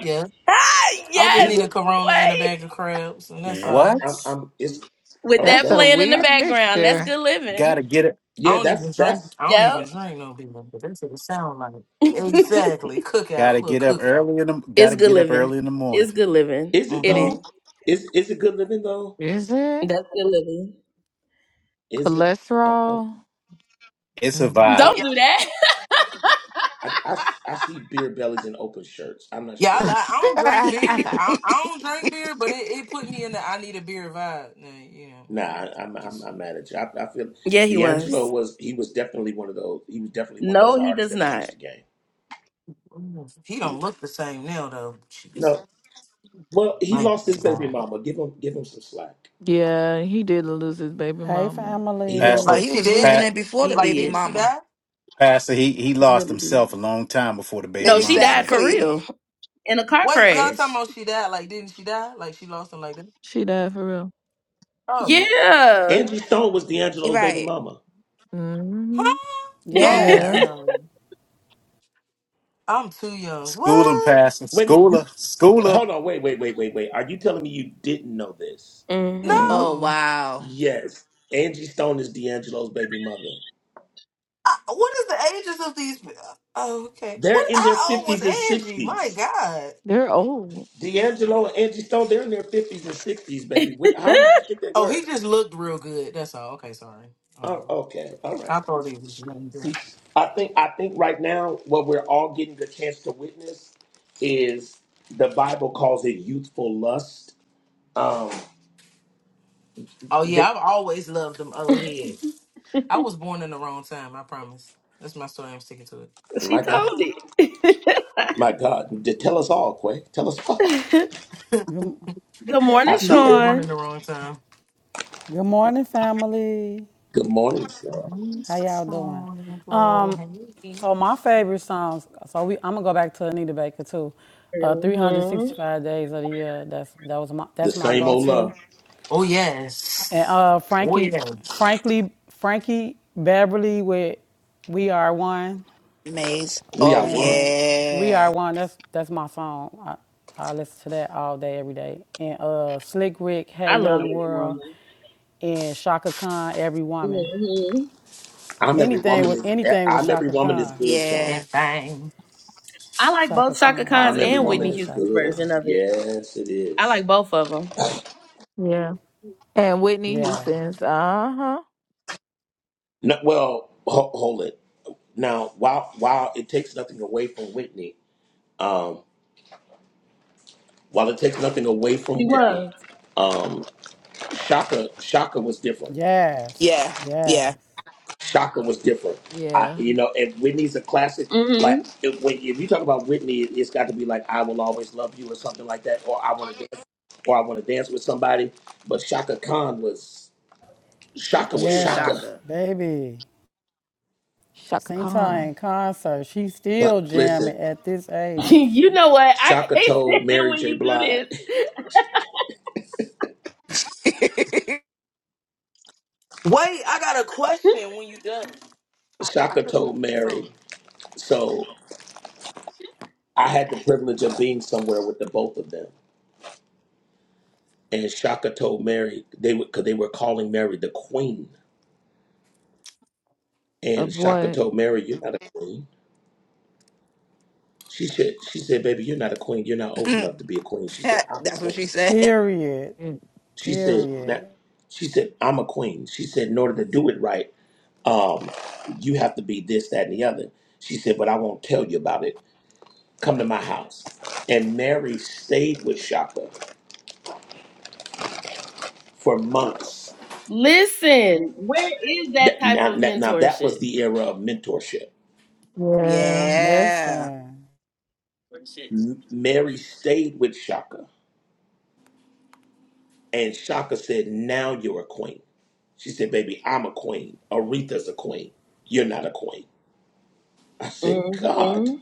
yeah. Ah, I just He, yes, need a re- Corona and a Quay. bag of crabs, and that's I'm, all. What? I'm, I'm it's, with oh, that That's that, a playing in the I, weird background. That's mixture. good living. Gotta get it. I yeah, don't even that's drink. that's. I don't Yep. even drink no beer, but that's what it sound like. Exactly, cookout, Gotta little get up cookout. early in the. It's Gotta good get up living. early in the morning. It's good living. Is it It hmm is. though? Is is it good living though? Is it? That's good living. Is it? I, Cholesterol? It's a vibe, Don't do that. I, I, I see beer bellies in open shirts. I'm not Yeah, I sure. like. I don't drink beer. I, I don't drink beer, but it, it put me in the I need a beer vibe. Now, you know, Nah, you I- I'm get I'm, I'm some- mad at you. I, I feel Yeah, he D'Angelo was. was he was definitely one of those. He was definitely one of those No, he artists does that not. changed the game. He don't look the same now, though. Jesus, No, well, he my lost his baby God. mama. Give him give him some slack. yeah, he did lose his baby Hey, mama. He lost. but family. Pastor. Like he she was losing Pat, dead? it before He the Like baby didn't did. she mama. die? Pastor, he he He lost really himself did. a long time before the baby No, she mama died went. for Exactly. real in a car Wait, y'all talking crash. about she died? Like didn't she die? Like she lost him like that? She died for real. Oh, Yeah. Angie Stone was oh, D'Angelo's baby Right. mama. hmm huh? I'm too Yeah. Yeah. Yes. young. I'm too young. School him, What? Pastor. Wait a minute. You Schooler, schooler. hold on. Wait wait wait wait wait. Are you telling me you didn't know this? hmm Oh No. wow. Yes, Angie Stone is D'Angelo's baby mother. I, what is the ages of these? pe- Oh, okay. They're What? in their How old was fifties and Angie? My sixties. God. They're old. D'Angelo and Angie Stone, they're in their fifties and sixties, baby. What- How did you think they Oh, he were? just looked real good. That's all. Okay, sorry. Oh, Oh, okay. All right. I thought he was Good, younger. I think I think right now what we're all getting the chance to witness is the Bible calls it youthful lust. Um, Oh they, yeah, I've always loved them old heads. I was born in the wrong time. I promise. That's my story. I'm sticking to it. She my God, told it. my God, They tell us all, Quay. Tell us all. good good I morning, I was see. born in Sean. the wrong time. morning, family. Good morning, sir. How Miss y'all doing? Tony, bro, Um, hey. so my favorite songs. So we, I'm gonna go back to Anita Baker too. Uh, hmm 365 days of the year. That's that was my The that's my same old go-to. love. Oh And yes. uh, Oh Frankie, yes. frankly, Frankie Beverly with "We Are One." Maze. We Oh are one. and we are yeah. one. That's that's my song. I, I listen to that all day, every day. And uh, Slick Rick, I Hey love Young this World, woman. and Shaka Khan, Every Woman. hmm I'm every Anything woman with is. anything with I'm every Shaka woman is Khan, good, Sean. Yeah. This thing. I like Shaka both I, Shaka Khan. Khan's I'm every and Anything woman Whitney with is Shaka Houston's good. version Khan. of it. Yes, it I is. like both of them. Yeah. And Whitney Yeah. Houston's. Uh huh. No, well, ho- hold it. Now, while while it takes nothing away from Whitney, um, While it takes nothing away from She Whitney, was. um, Shaka Shaka was different. Yes. Yeah. Yes. Yeah. Shaka was different. I, Yeah. you know, and Whitney's a classic. Like hmm if, when if you talk about Whitney, it, it's got to be like "I Will Always Love You" or something like that, or "I Want to Dance" or "I Want to Dance with Somebody." But Shaka Khan was Shaka was She was Shaka. Yes. shocker. Baby. Shaka Singta Khan. in concert. She's But still listen, jamming at this age. you know what? I can't Shaka told stand it Mary when J. you do Blige. this. Wait, I got a question when you done. I, I Shaka couldn't told think of the song. Mary. So I had the privilege of being somewhere with the both of them. and Shaka told Mary they would because they were calling Mary the queen. And Of Shaka what? told Mary, "You're not a queen." She said, "She said, baby, you're not a queen. You're not old enough to be a queen." She said, "I'm a That's what she queen." said. Period. It- She said, "That." Period. She said, "I'm a queen." She said, "In order to do it right, um, you have to be this, that, and the other." She said, "But I won't tell you about it. Come to my house." And Mary stayed with Shaka for months. Listen, where is that That type now, of now now that mentorship? was the era of mentorship. Yeah. Yeah. Listen. M- Mary stayed with Shaka And Shaka said, Now you're a queen. She said, Baby, I'm a queen. Aretha's a queen. You're not a queen. I said, God. hmm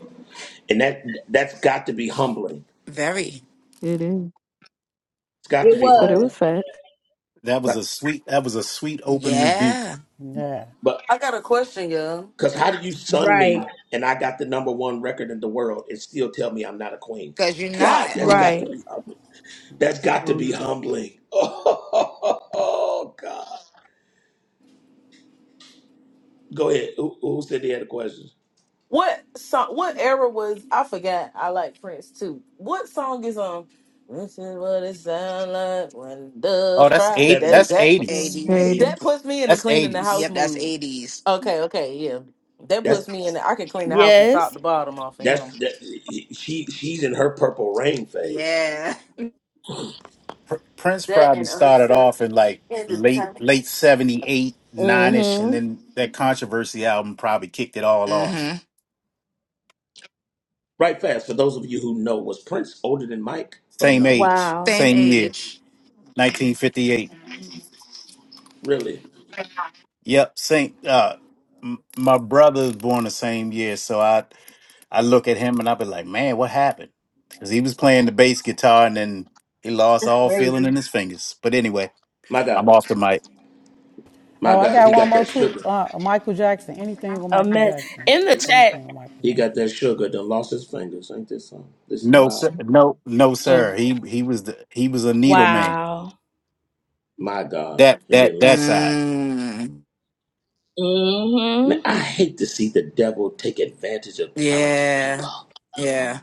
And that that's got to be humbling. Very. It is. It's got to It be But it was humbling. was. facts. That was But a sweet. That was a sweet open rebuke. Yeah. Yeah. but I got a question, y'all. because how do you sun Right. me and I got the number one record in the world and still tell me I'm not a queen? Cause you're not. God, that's Oh, got to Right. be humbling. That's got to oh. be humbling. Oh God. Go ahead. Who, who said they had a question? What song? What era was? I forgot. I like Prince too. What song is um? This is what it sound like when Oh, doves that's cry. eight. That That's 70s, that eighties. hmm 80s. Haiti. That 80s. puts me in the That's cleaning the house eighties. Yep, that's mood. 80s. Okay, okay, yeah. That That's puts me in the I can clean the house from top Yes. to bottom off of him. That's that, she. She's in her purple rain phase. Yeah. Pr- Prince That probably and started until off in like end of late time. late seventy eight nine ish, and hmm then that controversy album probably kicked it all off. Mm-hmm. Right fast. For those of you who know, was Prince older than Mike or Same no? age, Wow. Same same year, age. nineteen fifty eight. Really? Yep, same. Uh, m- my brother was born the same year, so I I look at him and I be like, man, what happened? Because he was playing the bass guitar and then he lost all feeling Crazy. in his fingers. But anyway. My I'm God, off the mic. my Oh, I God, got he one got more that too. sugar. Uh, Michael Jackson. Anything with A Michael mess Jackson. in the chat. Anything with Michael He Jackson. got that sugar. Then lost his fingers. Ain't this something? This is No, power. sir. Mhm. No, no, Mm. sir. He he was the he was a needle man. Wow. My God, That and that then that lost. side. Mm. Man, hmm I hate to see the devil take advantage of talented Yeah. people. Yeah.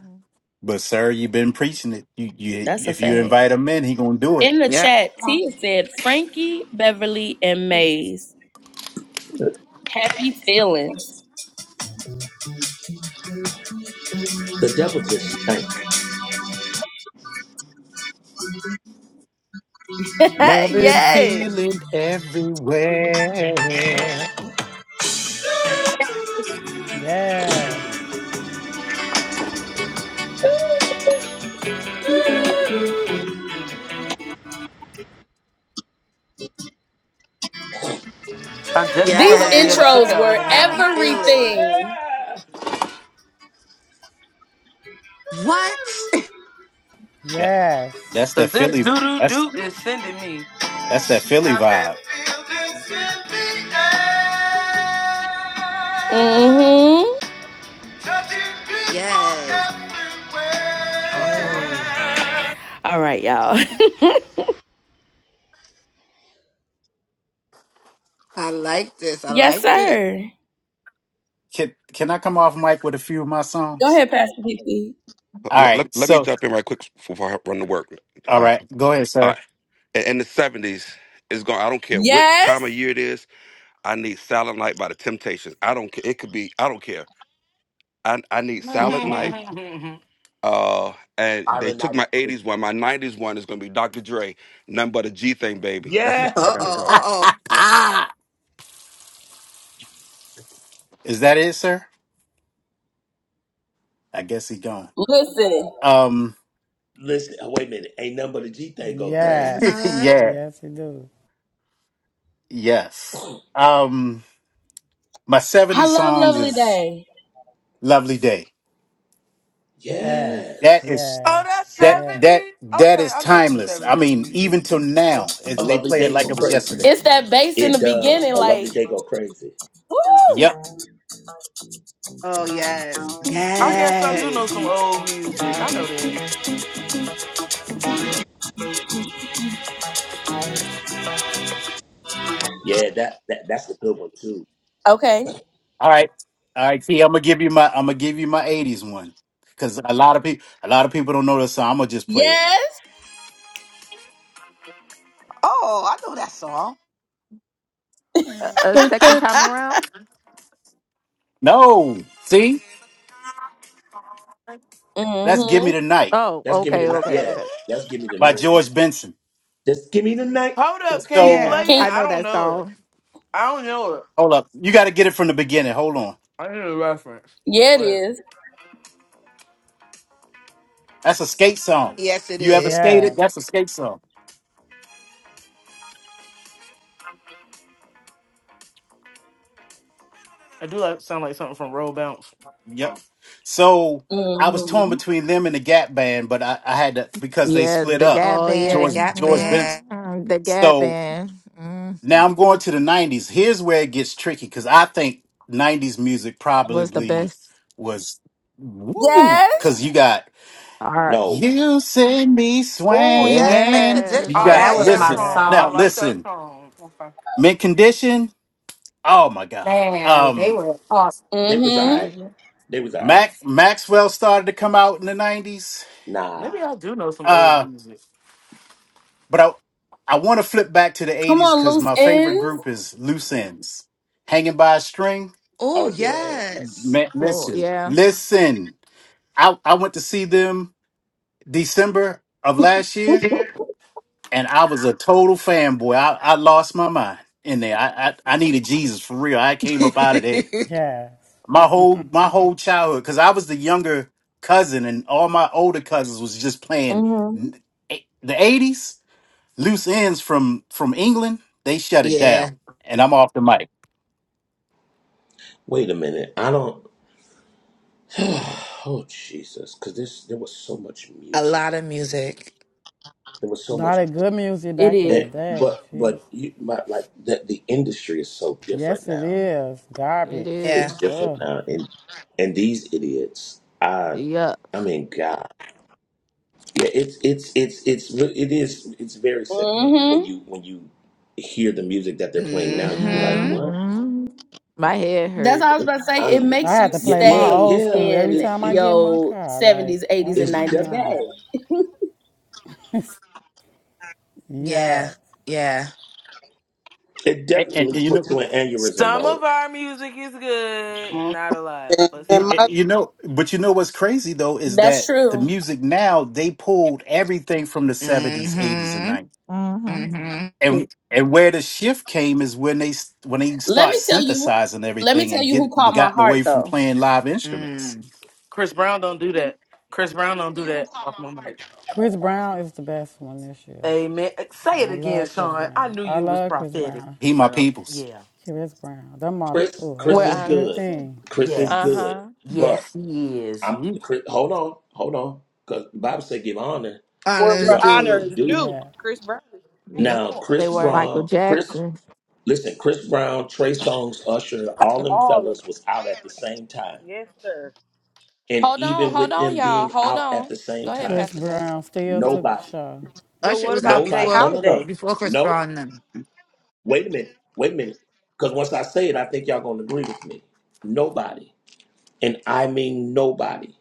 But sir, you've been preaching it. You you That's a if you fact. invite him in, he gonna do it. In the Yep. chat, Tia said Frankie, Beverly, and Maze. Happy feelings. The devil just stank. Love and yes. feeling everywhere. Yes. I definitely feel These All like of we the at a way. Yes. intros cookout were right now. Happy feeling. everything. Yeah. What? That Yes. that's that Cause this Philly. doo doo That's doo is sending me. that's that Philly Happy vibe. feelings in the air. Mm-hmm. Touching people Yes. Uh-huh. Hey. everywhere. All right, y'all. I like this. I Yes, liked it. sir. Can can I come off mic with a few of my Go songs? ahead, Pastor P. P. All Let, right. let, let me So jump in right quick before I run to work. all All right, right, go ahead, all sir. right. In, in the seventies, it's going. I don't care what time of yes. year it is. I need Silent Night by the Temptations. I don't care. It could be. I don't care. I I need Silent Night. oh, Uh, and they Silent night took is my crazy. '80s one. My '90s one is going to be Dr. Dre. None but a G thing, baby. That's Yeah. it. I Uh gotta oh. go. Uh oh. Is that it, sir? I guess he gone. Listen, Um. Listen, oh, wait a minute. Ain't nothing but a G thing go crazy. Yes. Mm-hmm. yeah. Yes, you do. Yes. Um my I '70s love songs Lovely is Day. Lovely Day. Yes. That Yes. is Yes. that's that Yes. that 70s? that Okay, is I know some timeless. I 70s mean, music. even till now, A it, they lovely play it day like go it was crazy. yesterday. It's that bass in the It does. beginning, A like, lovely day go crazy. woo! Yep. Oh, yes. I guess I do know Yes. some old music. I know that. Yeah, that, that that's a good one too. Okay. All right. All right, T, I'm gonna give you my I'm gonna give you my 80s one. Cause a lot of people a lot of people don't know this, song. I'm gonna just play it. Yes. Oh, I know that song. A, a Dun, second dun. time around? No. See? That's Give Me Mm-hmm. the Night Oh, That's give me okay, the night. okay, Yeah, okay. that's give me the by night. George Benson. Just give me the night. Hold up, can he So play Yeah, it? Can I you, I know don't that know it. song. I don't know it. hold up. You gotta get it from the beginning. Hold on. I need a yeah, it reference. is. That's a skate song. Yes, it You ever is. skated? Yes. That's a skate song. I do like sound like something from Roll Bounce. Yep. So I was torn Mm-hmm. between them and the Gap Band, but I, I had to because they Yeah, split the up. Gap Oh, yeah. It George Band. got George Benson. bad. Mhm. The Gap So Band mm, now I'm going to the '90s. Here's where it gets tricky because I think '90s music was the probably best. was woo Yes. because you got All right. No, you send me Oh, yes. Mint swinging. You Yes. Oh, I got that like was condition. that my listen Yes. song. now I song. like that listen song. Okay. mint condition. Oh my god. Man, they Um, were awesome. they was Mm-hmm. alright. Mhm. They was alright. Mac Maxwell started to come out in the '90s Nah. Maybe I do know some old music. But I I want to flip back to the Come 80s on, because loose my favorite ends. group is Loose Ends. Hanging by a String. Oh, Oh yeah. yes. Man, Oh, listen. yeah, Listen. I, I went to see them December of last year, Yeah. and I was a total fanboy. I, I lost my mind in there. I, I I needed Jesus for real. I came up out of there. Yes. My whole my whole childhood, because I was the younger cousin, and all my older cousins was just playing Mm-hmm. n- eh, the 80s. Loose ends from from England, they shut it down, yeah. and I'm off the mic. Wait a minute. I don't. oh Jesus, because this there was so much A music. lot of music. There was so much, Lot of good music It back in eh, the is. day. but Jeez. but you, my, like the the industry is so different Yes, it now. is. it Garbage. Yeah. it's is. different Ugh. now and and these idiots i Yuck. i mean god yeah it's it's it's it's re- it is it's very sickening when Mm-hmm. you when you hear the music that they're playing now you be like Yeah. Mm hmm. what mhm. My head That's hurt. all I was about to say. i It mean I makes had you to yeah play my yeah stay old yeah school every in it's time I it's get in my your car. Like, 70s, I 80s, it's and 90s def- bag. cannot. Yeah. yes. Yeah. it And, and, definitely and you know, puts you in aneurysm Some mode of our music is good. Not a lot, And but y- in y- my some. you know, but you know what's crazy though is That's that the true. music now they pulled everything from the seventies, eighties, and Mm-hmm. nineties. Mm-hmm. Mm-hmm. And and where the shift came is when they s- when they Let start me tell you. synthesizing Let me everything tell and you get who caught my gotten away heart from though. playing live instruments. Mm. Chris Brown don't do that. Chris Brown don't do that. Off my mic. Chris Brown is the best one this year. Amen. Say I it again, love Chris Sean. I Brown. knew I you was love Chris prophetic. Brown. He my So peoples. yeah, Chris Brown. That my chris oh, I chris We're is love good honors. anything. chris is Uh yes, good huh. but yes, he is. i'm Mm. chris, hold on hold on because the bible said give honor Where to Honest what where honor honor is dude. is due due. Yeah. Chris Brown. Yes, Yeah. now Lord. They chris were. Michael brown chris Jackson. Listen, Chris Brown, Trey Songz, Usher, all them All of fellas it. was out at the same time. Yes, sir. And Hold on, even hold with on, them y'all. being Hold out at on. the Go same ahead, time, Chris Pastor Jay. Brown still took the nobody, show. But Usher what was out about Jay nobody, before no, no, no, Holiday? before Chris no. Brown then. Wait a minute, wait a minute. Because once I say it, I think y'all gonna agree with me. Nobody, and I mean nobody,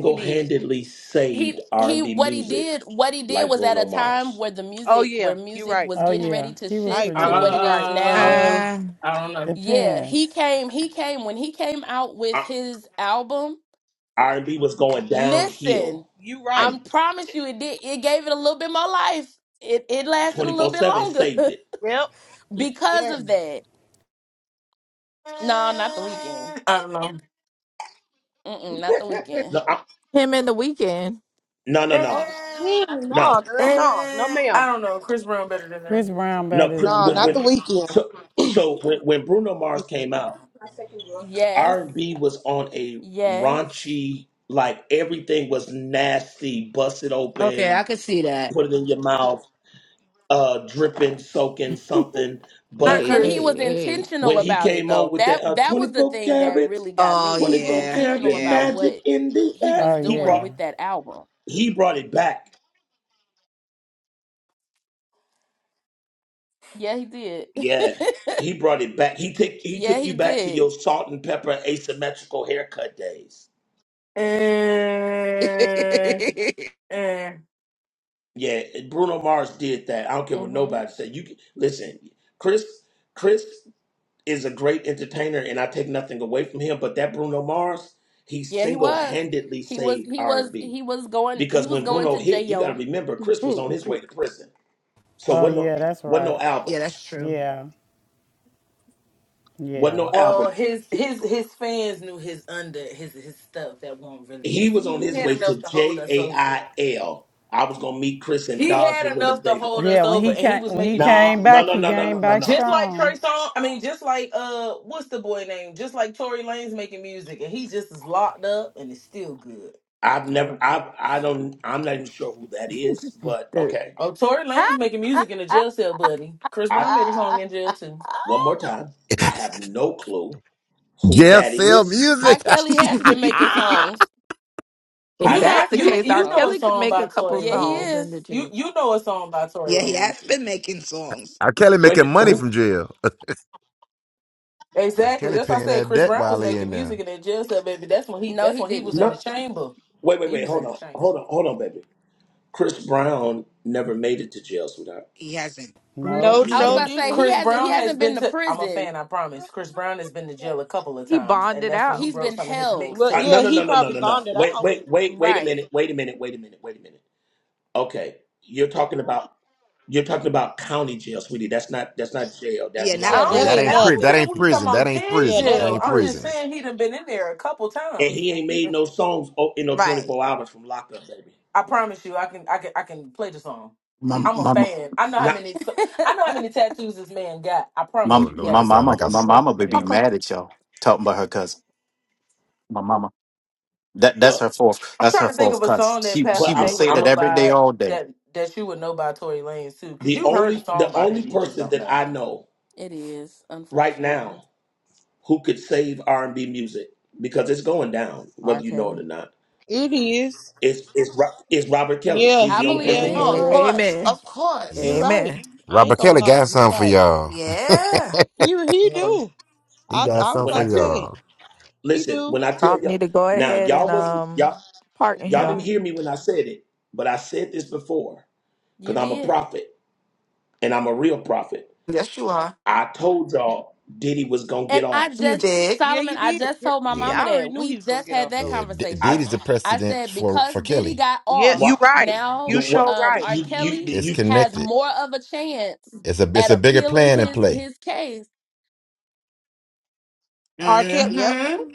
He did. He saved he R&B what he music did what he did like was at Bruno a time Mars. where the Oh music yeah, where you're music right. was Oh Mhm. getting yeah, ready to he was I shift pretty to agree. what You're good. it is right. now. Yeah. Uh, Uh I don't know. Yeah, Depends. he came he came when he came out with R- his album. and b was going Listen, downhill, You right. and I promise you it did it gave it a little bit more life. It it lasted a little bit 24/7 saved longer it. Yep. because Yes. of that. No, not the weekend. I don't Mm-mm, not the weekend. No, I- Him and the weekend. no, no, no. Oh know. yeah, No. no, girl, no, no, And I ma'am, don't know. Chris Brown better than them. Chris Brown No, better cr- than no, when, not when, that. the weekend. so so when, when Bruno Mars came out, Yes. R and B was on a Yes. raunchy, like everything was nasty, bust it okay, I open, could see that. put it in your mouth, uh, dripping, soaking something. Not But Hey, And he Chris. was hey, intentional when he about it came on though. with That that uh, that twenty was the four thing that carats, really got Oh me. He twenty was four yeah. intentional carat about Yeah. magic what in the he air, was Oh he doing brought yeah. with that album. he brought it back. Yeah, he did. Yeah. He brought it back. He took he yeah, took he you back to did. your salt and pepper asymmetrical haircut days. And yeah, and Yeah, Bruno Mars did that. I don't care what hmm nobody said. You can, listen, Chris. Chris is a great entertainer, and I take nothing away from him. But that Bruno Mars, he Yeah, he single was. handedly He was saved he R was and B he was going he because was when going Bruno to hit, you got to jail. remember Chris was on his way to prison. So Oh what no yeah, that's what no right. album, that's true. Yeah. what Yeah. no album. Well, his his his fans knew his under his his stuff that won't He release. was He, on he his had way to enough to hold J us A over. I L. I was gonna meet Chris in He Dodge had and enough to hold Winnebago. Yeah, us when over, he and he came was when he making music Nah, came no, back, no, he no, no, came no, no, back no. just like strong. Trey Song. I mean, just like uh, what's the boy name? Just like Tory Lane's making music, and he just is locked up, and it's still good. I've never. I I don't. I'm not even sure who hey. that is. But The- okay. Oh, Tory Lane's making music in a jail cell, buddy. Chris I Brown made a song in jail too. one more time. I have no clue who Jail that sell is. music. R. Kelly has been making yeah, songs. if You He I. know, that's I has the been you case, making R. you know a songs. Kelly could song make a by couple Tory Yeah, he songs Lanez. in is. the You gym. you know a song by Tory he Lanez. has been making songs. R. Kelly wait. a making minute, money Who? from jail. R. Exactly. Kelly That's why I paying said that Chris debt Brown while was he making in there. music in that jail cell, baby. That's when he No, that's he when he was didn't. in the No. chamber. Wait. Wait. He Wait. was Hold in the on. Hold chamber. on. Hold on, baby. Chris Brown never made it to jail, sweetheart. He hasn't. No, No, He I was show about did. to say didn't. he Chris hasn't he Brown has hasn't been been to to I'm a fan, prison. I promise. Chris Brown has been to jail a couple of He times, and bonded that's when out. he He's wrote been some of his held. Well, Uh, no. yeah, No. mixtapes. he No. No. No. probably No. No. bonded Wait. out. Wait. Wait. Wait a Right. minute. Wait a minute. Wait a minute. Wait a minute. Okay. You're talking about. You're talking about county jail, sweetie. That's not. That's not jail. Yeah, That's Yeah, I not that, Yeah, yeah, lockup. that that don't ain't I ain't prison. pri- don't That nothing. care ain't what you're talking prison. about That ain't kid Yeah, prison. that That jail. ain't ain't I'm just prison. prison. saying he done been in there a couple And times. he and ain't he. made no songs oh, in no Right. 24 hours from lockup, baby. I promise you, I can, I can, I can play the song. My I'm a my my fan. I know Not. how many, so- I know how many tattoos this man got. I Oh my promise you, Lord, yeah, the that sound song like mama a that he my s- plays mama would be himself. mad at y'all talking about her cousin. My mama. That that's But her fourth. I'm That's her trying to think fourth of a cuss. song that She Pastor but she will I'm Jay say would that know I'm every day, by all day. that that you would know by Tory Lanez too, because the you've heard the only song the by only him, you just person don't that know. I know It is, right unfortunately. now who could save R and B music because it's going down, R. whether you know it or Kelly. not. It is. It's it's Ro- it's Robert Kelly. Yeah, He's I the he. only believe Yeah, person who it. can Oh, you're save of it. right. course. Amen. Of You're yeah. course. right. Amen. I ain't Robert gonna Kelly lie. got You're something for right. y'all. Yeah. He he Um, do. he I got I was When I something about for to tell say y'all. he listen, do. when I tell Trump need y'all to go now, ahead and y'all wasn't y'all um pardon You y'all didn't him. are. hear me when I said it, but I said this before You because I'm a did. prophet and I'm a real prophet. Yes, you are. I told y'all Diddy was gonna get And I off. You just, did. Yeah, Solomon, you I did. just Yeah, told my you did. Yeah, mama I already that. knew he We was gonna just get had off that though. yeah. D- I conversation. Diddy's the I precedent said, for because for Diddy Kelly. got Yeah, off, you what right. now You you what sure um right. R. you you Kelly It's you has connected. more of a chance It's a it's at a bigger appealing plan in his play. his case. R. Kelly. Yep. Mm-hmm.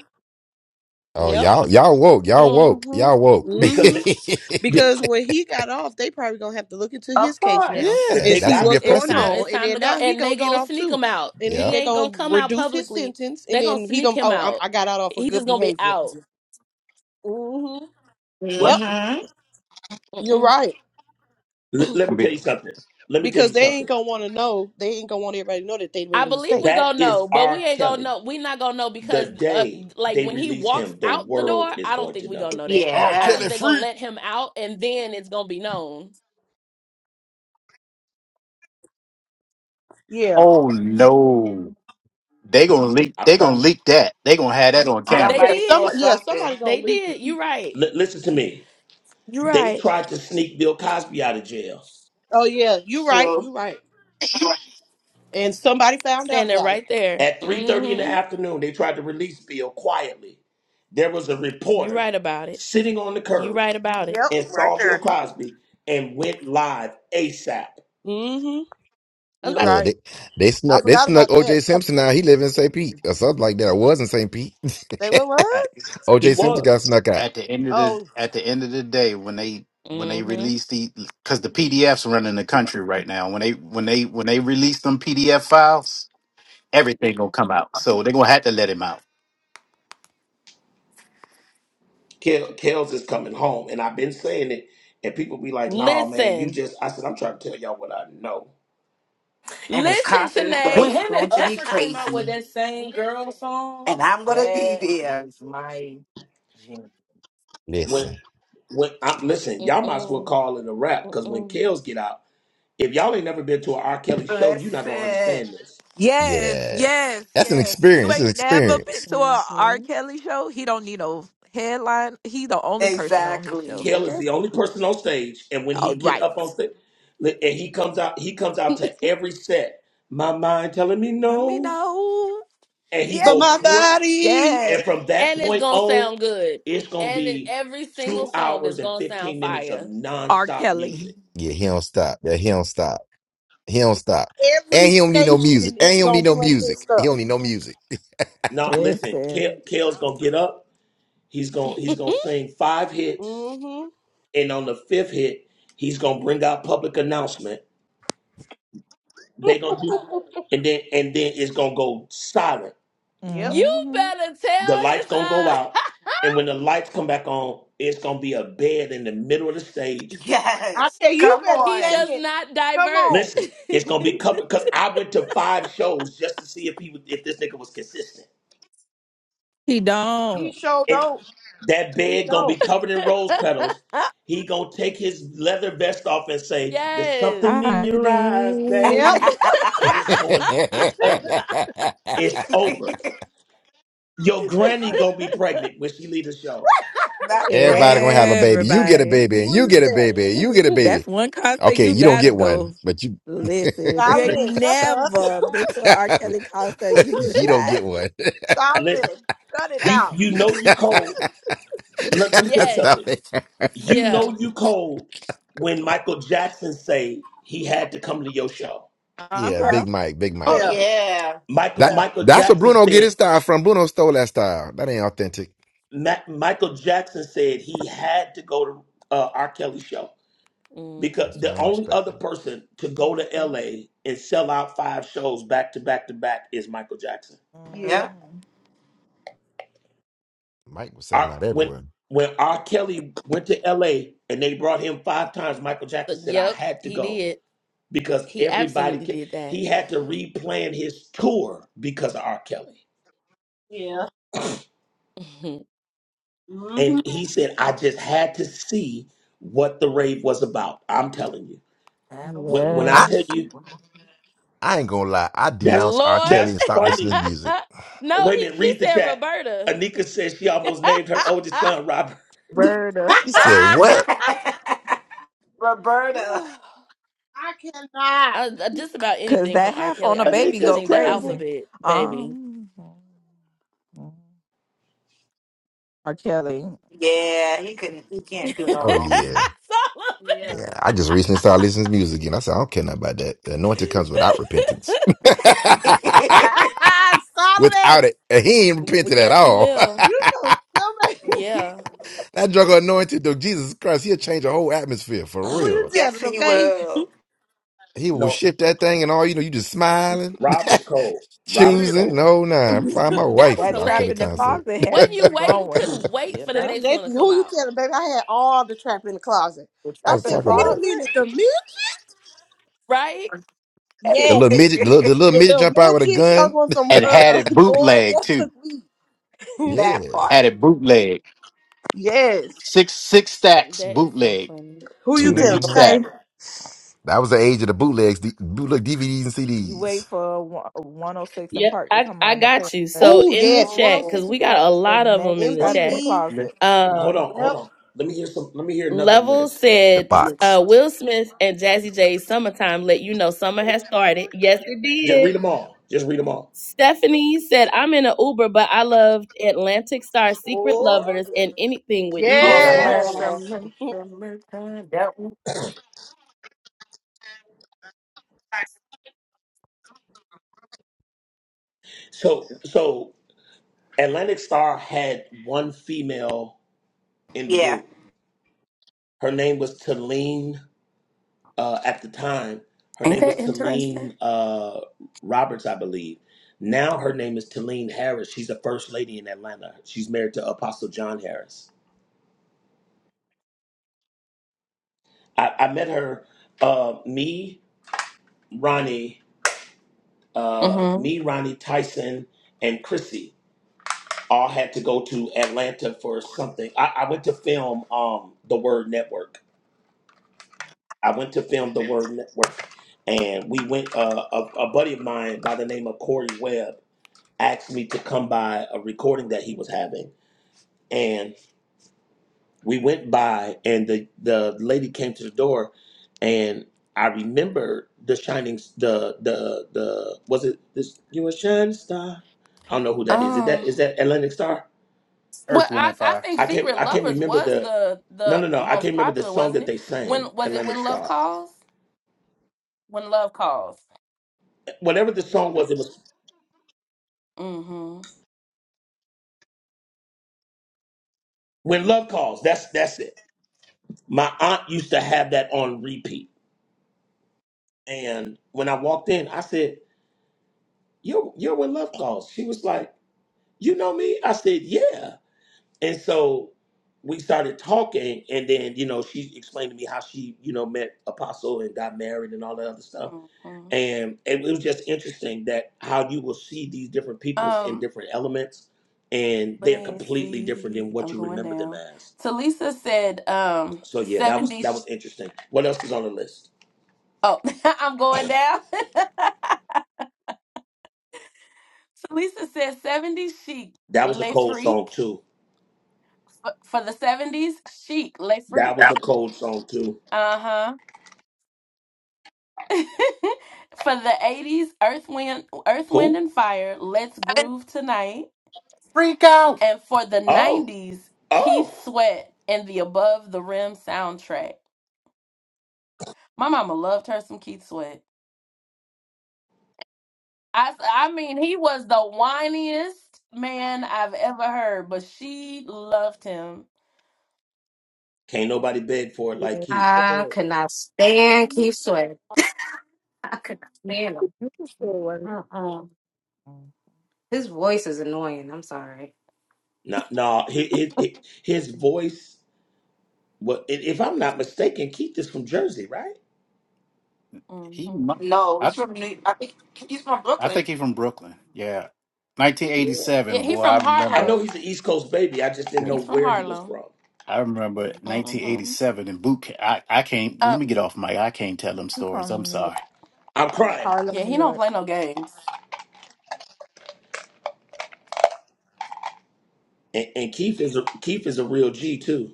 Oh Yep. y'all y'all woke y'all woke hmm y'all woke. because. hmm The- Because when he got off, they probably gonna have to look into his Of case now course. Yeah, and they see that's gonna be a what's got. It's going time, precedent. it's on, and time then to go. now he And gonna they get gonna off sneak too, him out. and then Yeah. He they ain't gonna gonna come out reduce his publicly. sentence, and They gonna then he sneak gonna him oh I'm, out. I got out off for He good just gonna be behavior. out. hmm What? Yep. You're right. Let, let me tell Be- you something. Let me tell Because you they ain't something. gonna want to know. They ain't gonna want everybody to know that they I made a believe mistake. we That gonna is know, but we R. ain't gonna Kelly. know. We not gonna know The because, uh, day like they when he release walks him, the out the world door, is I don't going to think we gonna know. know that. R. I Yeah, think Kelly they're gonna free. let him out, and then it's gonna be known. Yeah. Oh no! They gonna leak. I'm They gonna trying. leak that. They gonna have that on I, camera. They Yeah. somebody did. saw Somebody. Yeah. Somebody something gonna They leak it. did. You right. li- listen to me. You They right. tried to sneak Bill Cosby out of jail Oh yeah, you right, true, you right. And somebody found out Standing about it. right there. at 3:30 in the hmm afternoon. They tried to release Bill quietly. There was a You reporter right about it. sitting on the You curb right about it. Yep, and right saw Bill there. Cosby and went live ASAP. Mm-hmm. I You're was Look, right. they, they I snuck they forgot snuck about that. OJ Simpson out. He live in St. Pete or something like that. Or was in St. Pete. They were what? At, He OJ Simpson was. got snuck out. at the end of the Oh, at the end of the day, when they when they about. hmm release the because the PDFs running the country right now. When they when they when they release them PDF files, everything gonna come out. So they gonna have to let him out. Kel, Kels is coming home, and I've been saying it, and people be like, "Nah, man, you Listen. just." I said, "I'm trying to tell y'all what I know." and his Listen, concert is When Tanae. go- him and going to be Usher came out with crazy, that same girl song, and I'm going to be that there. was my jam. When Listen, when I'm listen, y'all might as well Mm-mm, call it a wrap because when mm-mm, Kels get out, if y'all ain't never been to an R. Kelly show, you're not gonna Listen, understand this. Yes, yeah. yes, That's an yes. If you experience. It's an ain't never been experience. to a R. mm-hmm. Kelly show, he don't need no headline. He the only person on his show, exactly. Kel is okay? the only person on stage, and when All he get right. up on stage, li- and he comes out, he comes out to every set. My mind telling me Let me no, know. and he Yeah. but go my cra- body. and Yes. from that And it's point gonna on. sound good. It's gonna And it, be every single two song is hours and gonna sound fifteen minutes of fire. R. nonstop Kelly. music. Yeah, he don't stop. Yeah, he don't stop. He don't stop. Every And he don't need no music. station And is he don't need gonna no play this music. He stuff. don't need no music. Not listen, Kale, Listen. Kale's gonna get up. He's gonna he's gonna sing five hits, Mm-hmm. and on the fifth hit, he's gonna bring out public announcement. They gonna do, and then and then it's gonna go silent. Yep. You hmm better The tell lights his gonna go uh out, and when the lights come back on, it's gonna be a bed in the middle of the stage. I Yes, tell you, you come better he say on. does it. not Come divert. on. Listen, it's gonna be covered because I went to five shows just to see if he was, if this nigga was consistent He He don't. sure don't. That He bed gonna be don't. covered in rose petals. He gonna take his leather vest off and say, "There's yes. something in Hi, your eyes, babe," baby. Yep. and it's going. It's over. It's over. Your granny Right. gonna be pregnant when she leave the show. Not the Everybody gonna have granny. a baby. You get a Everybody. baby, and Who you you get a baby, and you get a telling? baby. That's one concert Okay, you you don't gotta get go. one, but you Listen, if you N- ain't Solomon, shut up. never been to an R. Kelly concert, you missed you don't that. get one. Listen, Solomon, cut it you out. you know you cold. Let, let me tell you Yes. Stop something. it. You Yeah. know you cold when Michael Jackson say he had to come to your show. Uh Yeah, Yeah. huh. Big Mike, Big Mike. Oh, Yeah. yeah. Michael That Yeah. Michael that's what Jackson Bruno get said his style from. Bruno stole that style. That ain't authentic. Ma- Michael Jackson said he had to go to uh, R. Kelly's show. because That's Mhm. why the I don't only respect other him. person to go to Mhm. LA and sell out five shows back to back to back is Michael Jackson. Yeah. Yeah. Mhm. Mike was selling R, out when everywhere. when R. Kelly went to LA and they brought him five times, Michael So, Jackson said, "I yep, had to he go did. because He everybody absolutely can." did that. He had to replan his tour because of R. Kelly, Yeah. Mhm. Mm-hmm. and he said, "I just had to see what the rave was about." I'm telling you, I don't when, see when I I tell Yes. nothing you wrong. I ain't gonna lie. I that's denounced R. Lord. that's Kelly and stopped funny. listening to music. no, Wait a he minute, she read the said chat. Roberta. Anika says she almost named her oldest son Robert. Birda. He said, "What? Roberta. Ooh. I cannot. I, I- just about Cause anything from that R. half Kelly. on a R. Kelly baby could go Anika's sing the terrible. crazy. alphabet, baby. Um R. Kelly. Yeah, he couldn't. He can't do no Oh wrong. yeah, Yeah. yeah." I just recently started listening to music again. I said, "I don't care nothing about that. The anointing comes without repentance." Solomon, without it. And he ain't So- repented at yes, he all. will. you so stupid. Yeah. that drug anointed though, Jesus Christ, he'll change a whole atmosphere for Who you real. yes, telling, he okay? will. He will No, shift that thing and all you know, you just smiling, Rob was cold. For Rob was real. choosing. cold. No, nah, I'm find my That wife was for that the R. trap Kelly hilarious. in the Th- concert. closet Wasn't had you you waiting? going. Couldn't wait You for the know? Baby, next they, one to come who you out, telling, baby? I had all the trap in the closet. The I trap I'm in the said, talking wait about a it. closet. minute, the mint? right? The little Yes. midget, the little, the little The midget little jump out with a midget gun. talking on some And had uh it uh, boy bootleg that too. took me. That Yeah. part. Had it bootleg. Yes. Six six stacks That is so bootleg. funny. Who you two to telling, each hmm stat. okay? That was the age of the bootlegs, the bootleg DVDs and You wait CDs. for one- 106 and Yeah, Park to I, come I on to play got you. the So next Oh, in the yes. chat, because Oh, 106 and we got Park. a the lot of them next in the trap Well, in the chat. MTV. closet. hold Um, on, hold Yep. on. Let me hear some. Let me hear another Level list. The said box. uh, Will Smith and Jazzy J's "Summertime" let you know summer has started. Yes, it Just did. read them all. Just read them all. Stephanie said, I'm in an Uber, but I loved Atlantic Star Secret Oh, Lovers and anything yes. Whitney oh, Houston. Summer, Yes. yeah. Yes. summer, summertime. That So, so Atlantic Star had one female in the Yeah. group. Her name was Talene uh, at the time, her name was That interesting. Talene uh, Roberts, I believe. Now her name is Talene Harris. She's the first lady in Atlanta. She's married to Apostle John Harris. I, I met her, uh, me, Ronnie, uh, Mm-hmm. me, Ronnie Tyson, and Chrissy all had to go to Atlanta for something. I, I went to film um, The Word Network. I went to film The Word Network. And we went, uh, a, a buddy of mine by the name of Corey Webb asked me to come by a recording that he was having. And we went by, and the, the lady came to the door, and I remember the shining, the the the was it this you a shining star? I don't know who that is. Is that Um. is that Atlantic Star? Well, Earth, Wind, I, and I Fire. think I can't Secret I can't Lovers remember was the the no the no no I most can't remember the popular, song wasn't that it? they sang When was it? Atlantic When Love Star. Calls. When Love Calls. Whatever the song was, it was Mm-hmm. when love calls. That's that's it. My aunt used to have that on repeat, and when I walked in, I said, you're you're with Love Clause. She was like, you know me? I said, yeah. And so we started talking, and then you know she explained to me how she you know met Apostle and got married and all that other stuff. Mhm. And it was just interesting that how you will see these different peoples in Um, different elements, and let they are me completely different than see. what I'm you going remember them down. as. Talisa said, um, So yeah, that was 70. that Sh- was interesting. What else is on the list? oh, I'm going down. Talisa said 70 chic, That was a Le cold song Freak. too. For, for the 70s, chic, Le Freak. That was a cold song too. Uh-huh. for the 80s, Earth Wind, Earth Wind Who? and Fire, Let's Groove Tonight. Freak out. And for the Oh, 90s, oh. Keith Sweat and the Above the Rim soundtrack. My mama loved her some Keith Sweat. I, I mean, he was the whiniest man I've ever heard, but she loved him. Can't nobody beg for it like Keith. I could not stand Keith Sweat. I could not You stand you can him. still work. Mm-mm. His voice is annoying. I'm sorry. Nah, nah. His, his, his voice. Well, if if I'm not mistaken, Keith is from Jersey, right? He, mu- hmm No, I, he's from New. I think he's from I Brooklyn. think he's from Brooklyn. Yeah, Yeah. Yeah, 1987, he boy. I from I I remember. know Harlem. he's an East Coast baby. I just didn't Yeah, know He's from where he was Harlem. from. I remember hmm 1987 in boot camp. I, I can't. Um, Let me get off mic. I can't tell them He stories. I'm from New York. sorry. I'm crying. Yeah, Harlem, New he don't York. play no games. And, and Keith is a Keith is a real G too.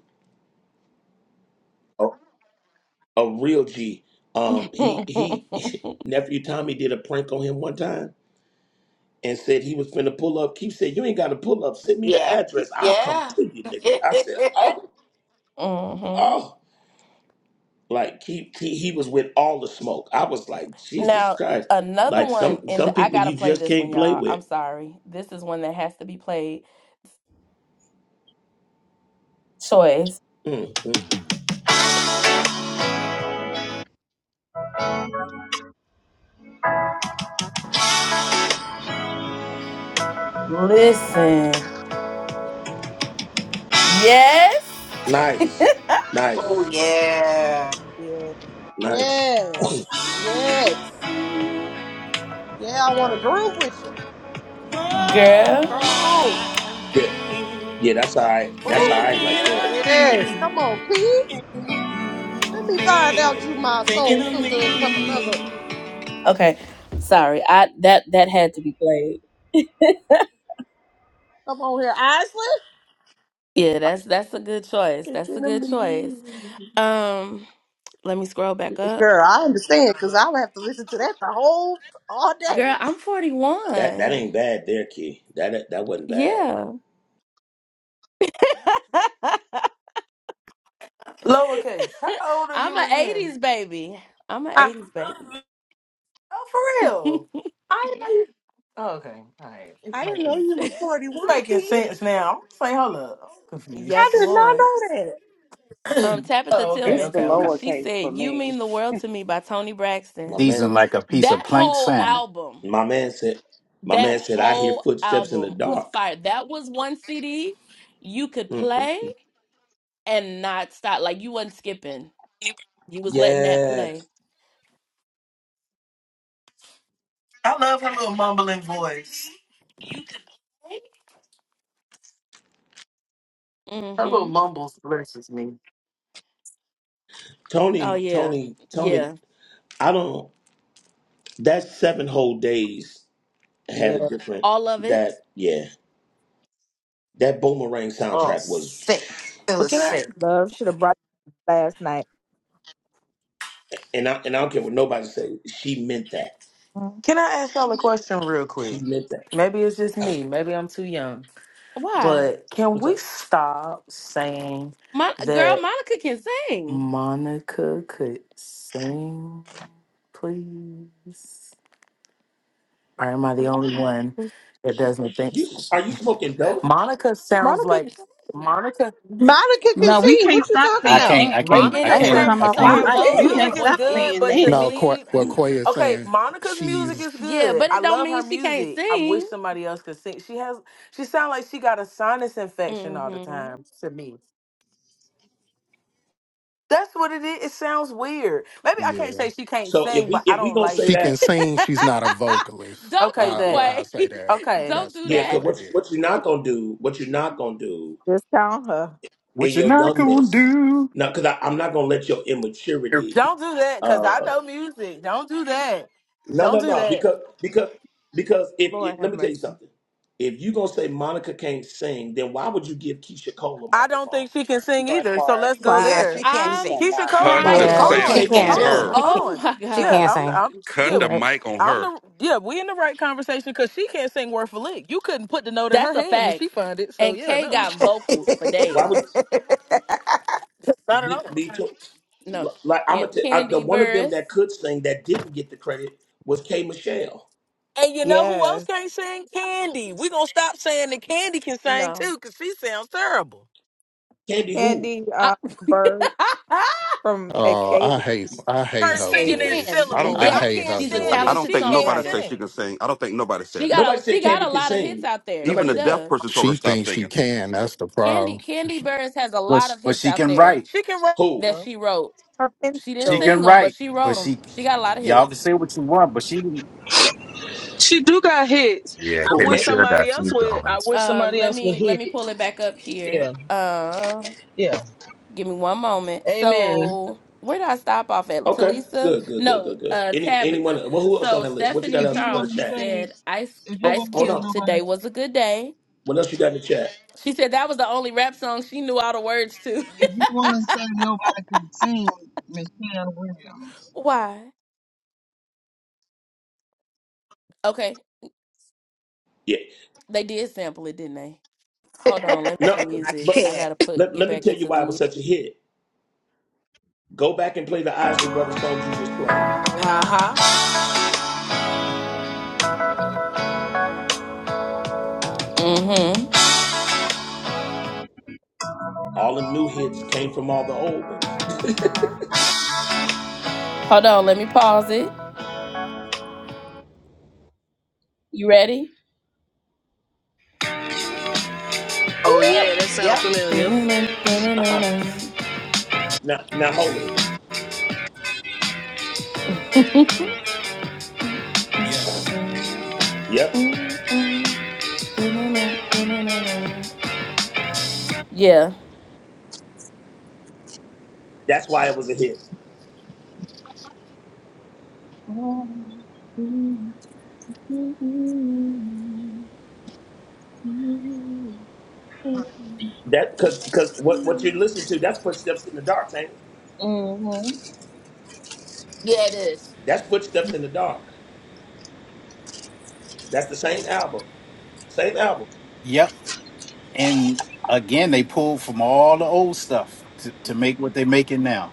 A, a real G. Um, he he. Nephew Tommy did a prank on him one time and said he was finna pull up. Keith said, "You ain't got to pull up. Send me the Yeah. address. I'll come Yeah. to you, nigga." I said, "Oh, hmm oh." Like he, he he was with all the smoke. I was like, Jesus Now, Christ. another Like one, some and some I people gotta you play just this one, can't play y'all. with. I'm sorry. This is one that has to be played. Choice. Mm, mm. Listen. Yes, Nice. Oh Nice. yeah. Nice. Yes. Yes. Yeah, I want to groove with you. girl. Come on. Yeah. Yeah, that's all right. That's all oh, right right there. geez. Yes. Come on, Key. Let me find out you my soul sister and from another. Okay. Sorry. I that that had to be played. Come on here, Isley. Yeah, that's that's a good choice. That's a Thinking of good choice. me, Um, let me scroll back up. Girl, I understand because I would have to listen to that the whole all day. Girl, I'm That that 41. ain't bad there, Key. That that wasn't bad. Yeah. Lowercase. How old are I'm you an again? 80s baby. I'm an I, 80s baby. Oh, for real? I didn't know you. Oh, okay. All right. It's I didn't making know you was 41, it's making Key. sense now. I'm saying, hold up. I'm I yes, did confused. not Lord. know that. oh, Um, Tabitha okay, It's Tillman, the okay, okay. she lowercase for said, You me, Mean the World to Me by Tony My Braxton. man Seasoned like a piece of That planked whole salmon. album, my man said my that man said I hear whole footsteps in the album was dark. fire. That was one CD you could Mm, mm. play and not stop. Like you wasn't skipping. You was letting that Yeah. play. I love her little mumbling voice. Her little Mm-hmm. mumbles versus me. Oh Tony, yeah. Tony, Tony, Yeah. I don't that seven whole days Yeah. had a different All of it. that yeah. That Boomerang Oh, soundtrack was, sick. It But was can I Yeah. sick. Love should have brought you last night. and I and I don't care what nobody say. She meant that. Mm. can I ask y'all a question real She quick? meant that. Maybe it's just me. Maybe I'm too young. Why? But can What's we up? stop saying Mon- girl, that? Monica can sing. Monica could sing, please? Or am I the only one that doesn't think You are she- you smoking dope? Monica sounds Monica like Monica? Monica can No, we sing. can't What you stop talking I saying about? can't. I that. Wait, can't. It, I I Monica it had to sound, can't. her come I off so my Wait her can't. a mic. Monica's voice We minute. her can't music is voice stop good, is saying but to that. nasally. me, okay, Monica's music is Yeah, good. but I it don't love her mean she can't music. I wish sing. somebody else could sing. She has she sounds like she got a sinus infection all the hmm time to me. That's what it is. It sounds weird. Maybe I can't say she can't So if sing, we but I if we don't gonna like say that, don't Okay, do that. Quay. Okay. don't do yeah, that. because what you- what you're not gonna do, what you're not gonna do discount her. in What you're your not gonna youngness, do? no, because I'm not gonna let your immaturity. Don't do that because I Uh, know music. Don't do that. no, no, Don't do no, that. because because because if, Lord if let have me tell you mercy. something, if you gonna say Monica can't sing, then why would you give Keisha Cole a I don't microphone? think she can sing that either. So part, let's go Wow. Yeah, because there. she can't she I'm sing. Keisha cannot. Cole, Cut Why the would Keisha you Yeah, hold Cole crying. give she sound Kate on, can't on hold can't. Michelle sing. on, her. She one? hold can't, Oh on. my she Yeah, God. can't I'm, sing. I'm, Cut yeah, You the right. mic on I'm her. the, yeah, we in the right conversation because she can't sing worth a lick. You couldn't put the note in her That's a hand and fact. she find it. So And yeah, Kay no, got I vocals for Why days. would not at be, all. be to, No, like I'm can a t- I, the Candy one of them Burris? that could sing that didn't get the credit was K Michelle. And you know who else Yes. can't sing? Candy. We gonna stop saying that Candy can sing No. too because she sounds terrible. Candy who? Candy I- uh, Bird from Escape. her Escape. she singing in can. I don't syllables. I think Yes, can't she's a stand I it. don't talented She think can't nobody songwriter. said she can sing. sing. I don't think nobody She said it. got Nobody a said she got Candy a could lot of hits sing. out there. Even Nobody She the said deaf that. does. person told her stop singing. Candy Candy Burris has a But lot sh- of but hits she out can there write. She can Who? that rap. she wrote. Her pen She didn't She skills. sing can them, but write. she wrote But them. she, She got a lot of y'all can hits. say what you want. But she, She do got hits. Yeah, I Who K wish can't? Mature got somebody else two would. I songs. wish Um, somebody let else would me let hit me it. pull it back up here. Yeah, Uh, yeah. give me one moment. Amen. So where did I stop off at? Okay, Talisa? good, good, good, No, good, good. uh, Any anyone? Tabitha. Well, who else on So that list? What you got Stephanie If else you for want the Charles, she to chat? say, said Ice if you Oh, Ice want to hold say on. Cube. Today nobody, was a good day. What else you got in the chat? She said that was the only rap song she knew all the words to. if you want to say nobody can sing, Michelle Williams. Why? Okay. Yeah. They did sample it, didn't they? Hold on, let me No, the music. but I can't. gotta put let, get let me back tell you into the why it was music. such a hit. Go back and play the Isley Brothers songs you just played. Uh huh. Mm-hmm. All the new hits came from all the old ones. Hold on, let me pause it. You ready? Oh yeah, that sounds Yep. familiar. uh-uh. Now, now hold it. Yep. Yeah. That's why it was a hit. That because because what what you're listening to that's footsteps in the dark, ain't it? Mm-hmm. Yeah, it is. That's footsteps in the dark. That's the same album, same album. yep. And again, they pulled from all the old stuff to, to make what they're making now.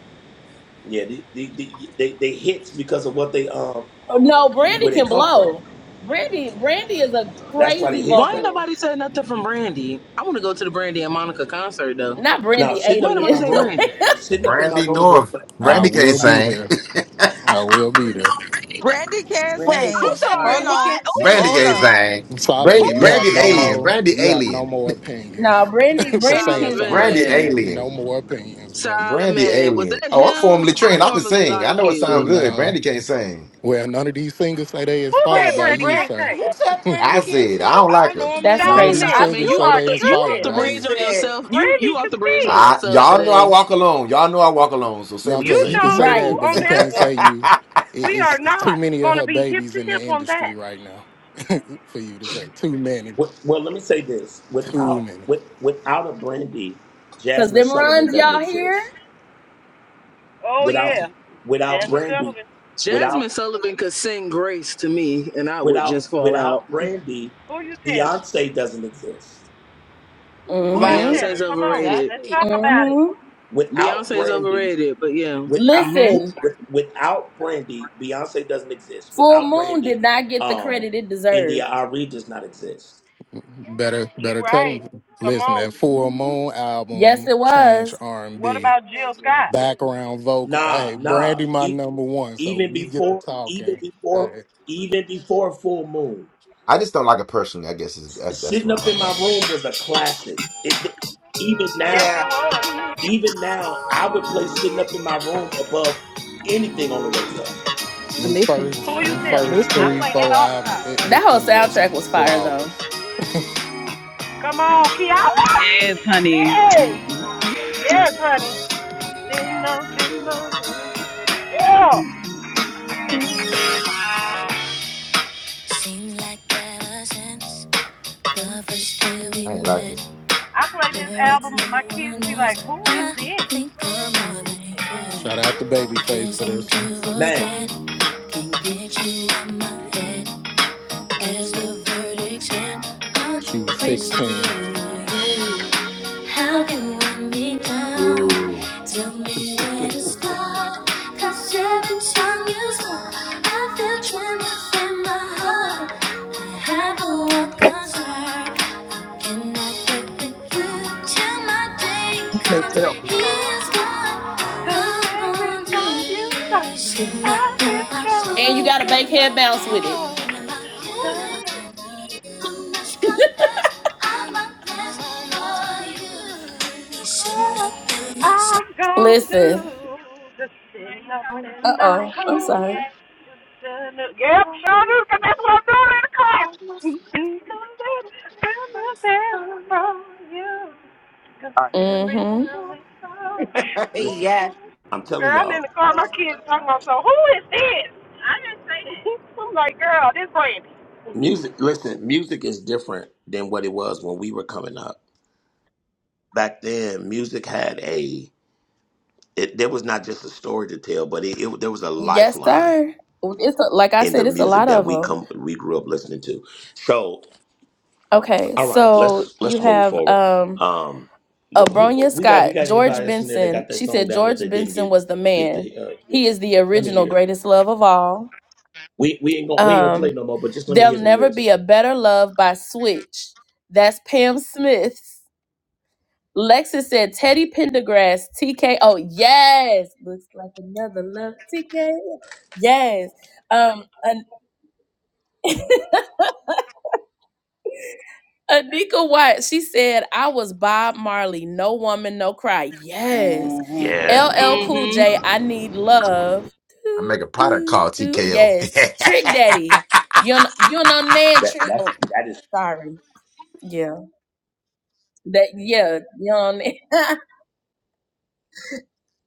Yeah, the, the, the, they they hits because of what they um No, Brandy where they can come from. blow. Brandy, Brandy is a That's why they crazy hits, Why ain't man. vocalist. nobody said nothing from Brandy? I want to go to the Brandy and Monica concert though. Not Now Brandy sitting Why ain't up in nobody my Alien. say room, Brandy? sitting up in my Brandy room will North. forever Brandy be a can't classic. sing. Randy can Brenda Wait, who I'm can sing. said sorry. Hold sing. Brandy on. What? can't Who Brandy Swole said gay sing? up. that? thing. Who Brandy, Yes, Brandy she can. alien. said Brandy alien. no, Brandy, that? Brandy can. Brandy Solomon. alien. Brandy Solomon. Was alien. that him? Oh, I'm formerly I trained. I can normally sing. I like know it you. sounds good. Brandy can't sing. Who said Wait, Brandy Brent, can't sing? who said I Brandy can't said I sing? don't like I her. normally That's like crazy. I Solomon, Solomon. you You are off the you off tripping. the bridge on Listen. yourself. You Brandy you can off the bridge by sing. I, yourself y'all know I today. walk alone. Y'all know I walk alone. So say what you You say. sure do right, on that one. We are not going to be hip to hip on that. Well, well, let me say this: without with without a Brandy, cause Jasmine them Sullivan runs doesn't y'all hear. exist. Oh, Without yeah. without Brandy, without Jasmine Sullivan could sing Grace to me, and I would Without just fall out. without Brandy, Who you telling? Beyonce doesn't exist. Who you Mm-hmm. Right. telling? Beyonce's Come on. overrated. Exactly. Got it. Mm-hmm. Without Beyonce's Brandy, overrated, but yeah. without Mhm. ho- Listen, with, without Brandy, Beyonce doesn't exist. Full Without Moon did Brandy, not get the um, credit it India deserved. Ari does not exist. You right. Come on. Yes, it was. What about Jill Scott? Nah, nah. E- even before, even before, even before Full Moon, I just don't like her personally. I guess is that's, that's sitting why up my in my problem room was is. a classic. It, even Yes, now, it Yeah. was. even now, I would play sitting up in my room above anything on the radio. Listen, Who you telling? I listen. play that all the time. That whole soundtrack was fire, though. Come on, Kiara. Yes, honey. Yes. Yes, honey. Yeah. But sure I ain't like it. I play this it's album no and my kids one be like, else. "Who is I this?" think Girl, who I'm more is than this? you look Man, at. Get you out my head. There's the verdict and I'm crazy over you. How can you run me down? Ooh, Tell me where to start. Cause every time you smile, I feel tremors in my heart. Have a look concern. Looking at the future till my day you can't comes. tell Every me. Here's time, what cause I'm every gonna time you stop, do. Sitting up I've in been my soul. And you troubled gotta in make head my bounce with it. heart. And about Who you, is this? I'm not sure I'm not blessed for you. Sitting up in my soul. I'm gonna do the thing up in my room. Yep, sure cause that's what I'm doing in the class. I'm your best from you, cause All right, every Mm-hmm. time we talk, listen. yeah. I'm girl, telling I'm in y'all, the car, my kids talking about, so who is this? I didn't say this. I'm like, girl, this Brandy. music. Listen, music is different than what it was when we were coming up. Back then, music had a. It, there was not just a story to tell, but it, it there was a Yes, lifeline sir. It's a, like I in the said, it's a music lot that of we them. come we grew up listening to. So, Okay, all right, so let's you let's move have forward. um Um, who Abronia we got? Scott, We got George anybody else in there that Benson. got that She song said down that George they didn't Benson get was the get to? man. Uh, hear? He is the Let me hear. original it. greatest love of all. We we ain't gonna we ain't gonna play Um, no more. But just let me There'll hear the never be a list. better love by Switch. That's Pam Smith's. Lexus said Teddy Pendergrass, TK. Oh yes, looks like another love, TK. Yes. Um, An- Anika White. She said I was Bob Marley. No woman, no cry. Yes hmm Yeah. L L Cool Mhm. J, I need love. I make a Do, product do, called do. TKO. Yes. Trick Daddy. You know, you know, Nan That Trick. that's Oh, that is sorry. Yeah. That, yeah. You know, Nan-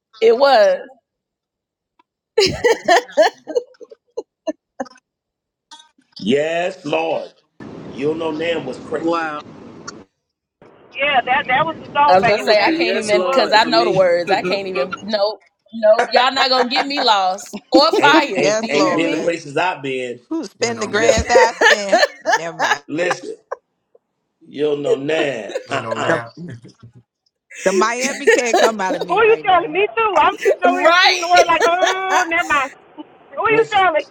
it was. yes, Lord. You know, Nam was crazy. Wow. Yeah, that that was the I song was back going to It in the was say, I the day. can't Yes, yes it even, was. because Lord I for know the me. words. I can't no, even, nope, nope. Y'all not going to get me lost or Ain't fired. ain't Do Yes, you ain't hear been the me? Lord. places I've been. Who you spend know the now. grand Listen, that I spend? Never mind. listen. You know, Nam. You Uh know uh The, now. the Miami can't come out of me Who you right telling? now. Me too. I'm sitting over here singing Right? the word like, oh, never mind. Who you Listen. telling?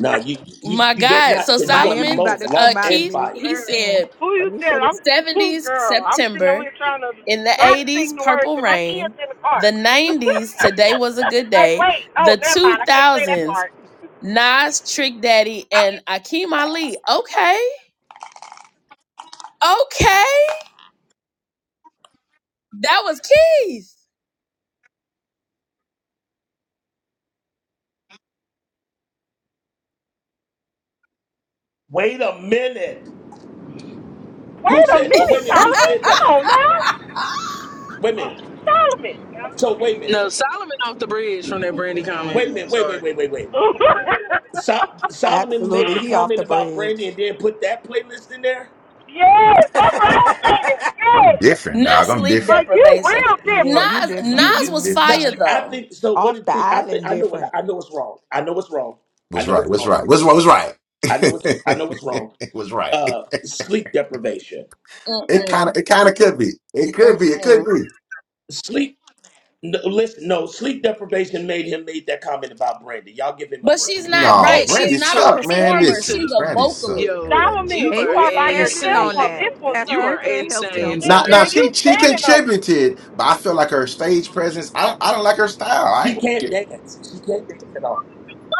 Nah, you you My you bet God. not So because you're gonna be Miami Solomon, about both to uh, come lost out of and Keith, me. fired. he Mm-mm. said Who Let you me shut it. telling? I'm 70s girl. I'm sitting over September here trying to In the not 80s, sing the words Purple to my kids Rain. in the car. The 90s, Today Was a Good like, Day. wait, oh, The never mind. I can't say that 2000s, part. Nas, Trick Daddy, and Akeem Ali. Okay, okay. It was Keith. Wait a minute. Who Wait a said? Oh, wait minute, a minute. Who Solomon. said Come that? on now, Wait a minute. Solomon. So wait a minute. Solomon off the bridge from that Brandy Wait a comment. minute. Wait wait Sorry. wait wait wait. So- Solomon made Absolutely. the He off comment the about Brandy bridge. and then put that playlist in there. yes, that's what I was saying. I'm Yes, different, Not dog. I'm sleep different. like you deprivation. real Yeah, different. you Nas, You different. Nas you was no, different. hmm fire I though. think so. What do Off you the think? I think island, I know what different. I know what's wrong. I know what's wrong. I Was know right. what's Was wrong. right. It's, Was right. Was right. I know what's I know what's wrong. It was right. Uh, sleep deprivation. It kind Mm-mm, of. It kind of could be. It could be. It could mm-mm. be. Sleep. No, listen, no sleep deprivation made him made that comment about Brandy. Y'all give him a But she's break. not No, It right. She's Brandy had not a to. sucked, It man. performer. had to. Listen, She's a Brandy sucked, vocalist. Yo, man. Solomon, you And you are he's are by standing yourself on on insane. that. this one, Pastor, You you sir. are can't help No. insane, him. Now, sir. now And you she she standing on it. contributed, but I feel like her stage presence. I I don't like her style. She I. can't dance. She can't dance at all.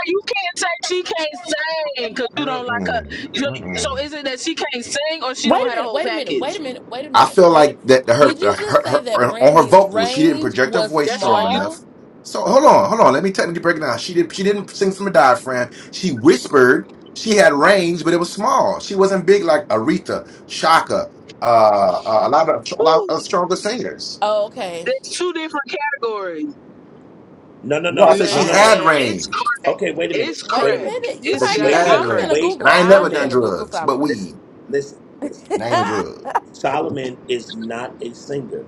you can't say she can't sing because you don't like Mm-mm, her. You- mm-mm. so is it that she can't sing or she Wait don't a have the minute, whole wait a minute, wait package? a minute, wait a I minute, feel wait a like that her, did her, you just say her, that her- on her Brandy's vocals, she didn't range project her was voice That's strong why you. small? enough. So hold on, hold on. Let me technically break it down. She didn't she didn't sing from a diaphragm. She whispered. She had range, but it was small. She wasn't big like Aretha, Shaka, uh, uh, a lot of a lot of Woo, stronger singers. Oh, okay. there's two different categories, No, no, No, I no, said man. no, she no, no. had It's range. crack. Okay, wait a minute. It's Wait Wait a a crack. minute. minute. I You It's said might she be. gotta Wait a be had I'm minute. crack. finna range, Wait and Google. a I ain't never I'm done minute. finna Google drugs, but Solomon. Listen, weed. listen, listen. And I ain't a drug. Solomon is not a singer,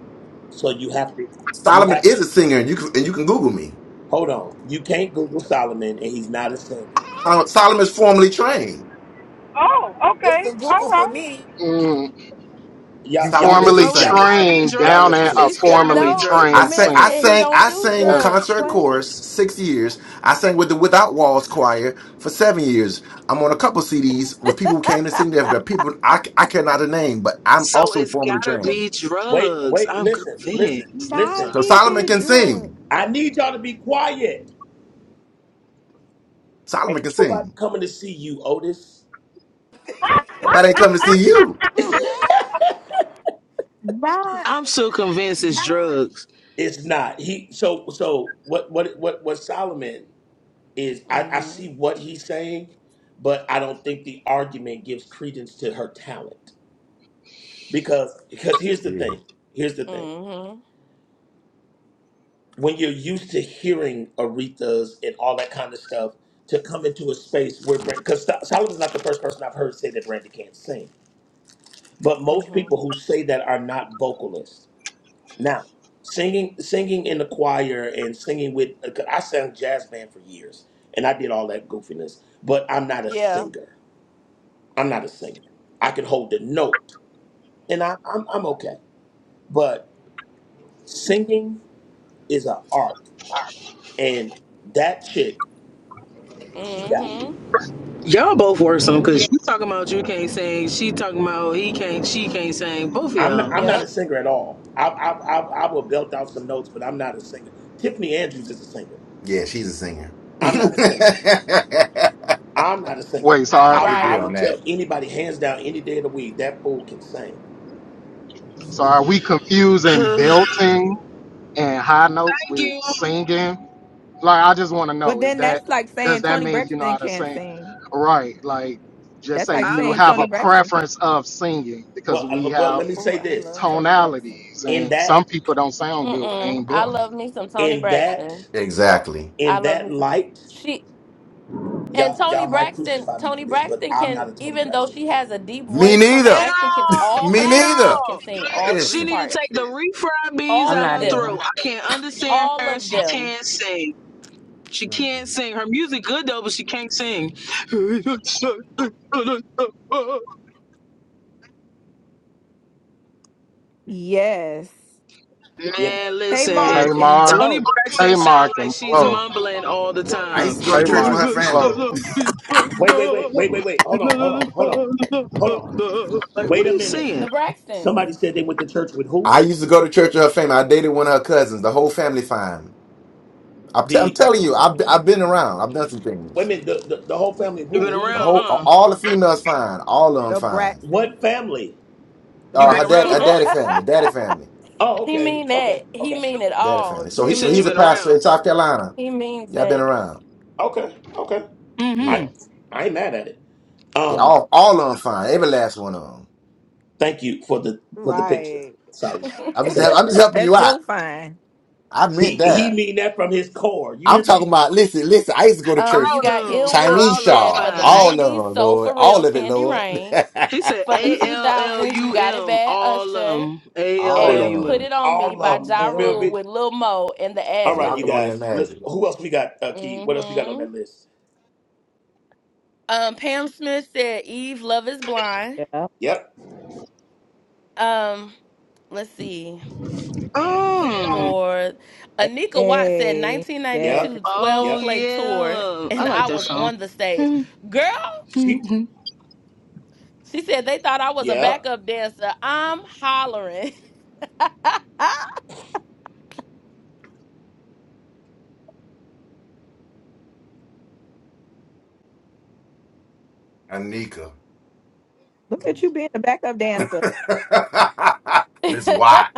so you have to. You Solomon have is a singer, and you can and you can Google me. Hold on. You can't Google Solomon and he's not a singer. Sol- Solomon is formally trained. Oh, it's okay. the All Google for right. me. Y'all y'all Solomon is listen a So it's y'all singer. gotta listen. be Y'all listen drugs. here. she It's said, gotta be no, he- the I drugs. sang, man I said he sang, don't I do sang drugs, concert Quay. chorus six years. I sang with the Without Walls Choir for seven years. I'm on a couple CDs with people who came to sing there, but people I, I cannot name, but I'm So also it's formally gotta trained. be Wait, drugs. wait, I'm listen, listen, convinced. I'm Nah, listen. So sorry. he Solomon did can drugs. sing. I need y'all to be quiet. Ain't Solomon can nobody sing. coming to see you, Otis. Nobody ain't come to see you. Nah. I'm so convinced it's drugs. It's not. He so so what what what what Solomon is I, I Mm-hmm. see what he's saying, but I don't think the argument gives credence to her talent. Because because here's the Weird. thing. Here's the thing. Mm-hmm. when you're used to hearing Aretha's and all that kind of stuff, to come into a space where because Solomon's not the first person I've heard say that Brandy can't sing, but most Mm-hmm. people who say that are not vocalists. Now, singing singing in the choir and singing with 'cause I sang jazz band for years and I did all that goofiness, but I'm not a Yeah. singer. I'm not a singer. I can hold the note and I, I'm I'm okay, but singing is an art, and that chick. she got. Mm-hmm. Y'all both worrisome because you talking about you can't sing, she talking about he can't, she can't sing. Both of I'm not, y'all. I'm not a Yep. singer at all. I, I I I will belt out some notes, but I'm not a singer. Tiffany Andrews is a singer. Yeah, she's a singer. we I'm not a singer. I'm not a singer. Wait, so are, I agree I will on Right. tell that. anybody hands down any day of the week that fool can sing. so are we confusing Well, Thank you. But then that's like saying Tony Braxton can't sing. That's like I don't saying think Tony it Braxton can't. sing. Well, I lo- well, let me Oh, say I this. love Tony Braxton. In that Mm-mm. I love me some Tony in that Braxton. Exactly. I in love that me some light, she and y'all Tony y'all might Braxton, crucify me Tony for this, but Braxton I'm can, not a Tony even though Braxton she fan. has a deep Me voice, Tony at neither. Braxton can all, all Me her at sisters neither. can all. sing all three She Listen, need to parts. take the refried beans I'm All out of not her them. throat. either. I can't understand All her. of She them. can't sing. She can't sing. Her music good though, but she can't sing. Yes. Yeah. Man, Tamar listen. can Tamar? Tony blow Braxton Tamar sound like can she's blow. mumbling all the I used time. to go to church Tamar with can her blow. family. Wait, wait, wait, wait, wait, wait. Hold on, hold on, hold on, hold on. Like, what Wait are a you minute. saying? The Braxtons. Somebody said they went to church with who? I used to go to Church of Her Fame. I dated one of her cousins. The whole family fine. I'm, t- I'm telling you, I've be- hmm I've been around. I've done some Wait a things. minute, the, the, the whole family of you have who? been Who we The talking around, about? whole huh? all the females fine. All of them the fine. Braxton. What family? The you have Uh, been her Braxton. dad, around, Braxton. her huh? daddy family, daddy family, Oh, He okay, mean that. okay, He okay, mean it daddy all. family. You So You hear he so said you he's me? a have been pastor around. in South Carolina. He means Yeah, I've been that. around. okay, okay. I Yeah, Mm-hmm. I ain't mad at it. they Um, all all of them fine. Every last one of them. thank you for the for the picture. Right. Sorry. I'm just hel- Thank you. I'm just helping you That's out. your fine. I meant He he that. mean that from his core. You I'm hear talking me? about listen, listen. I used to go to um, church, you All got of 'em. Ill Will. Chinese He All of 'em said for shawl, the fine. all of '90s, them, Soul Lord, for Real, all of it, Candy Lord, Rain. He said For the A L L 2000s, you U got it M. bad, All of Usher, 'em. A L all L Listen, and U of Put 'em. M. It On Me all by of them. Ja You Ah, feel Rule um, me? with Lil Mo and the All And ad right, y'all you can libs. only guys. listen imagine. Who else we got? Uh, Key. What else we got on hmm that list? Um, Pam Smith said Eve, Love Is Blind. yeah. Yep. Um, let's see. Oh. for Anika Watts said Hey. Yep. Yes. 1992 12 Oh Yep. play tour, yeah. I and like I that was song. on the stage. Girl, She. Mm-hmm. she said they thought I was a Yep. backup dancer. I'm hollering. Anika. Look at you being a backup dancer. Miss Watt.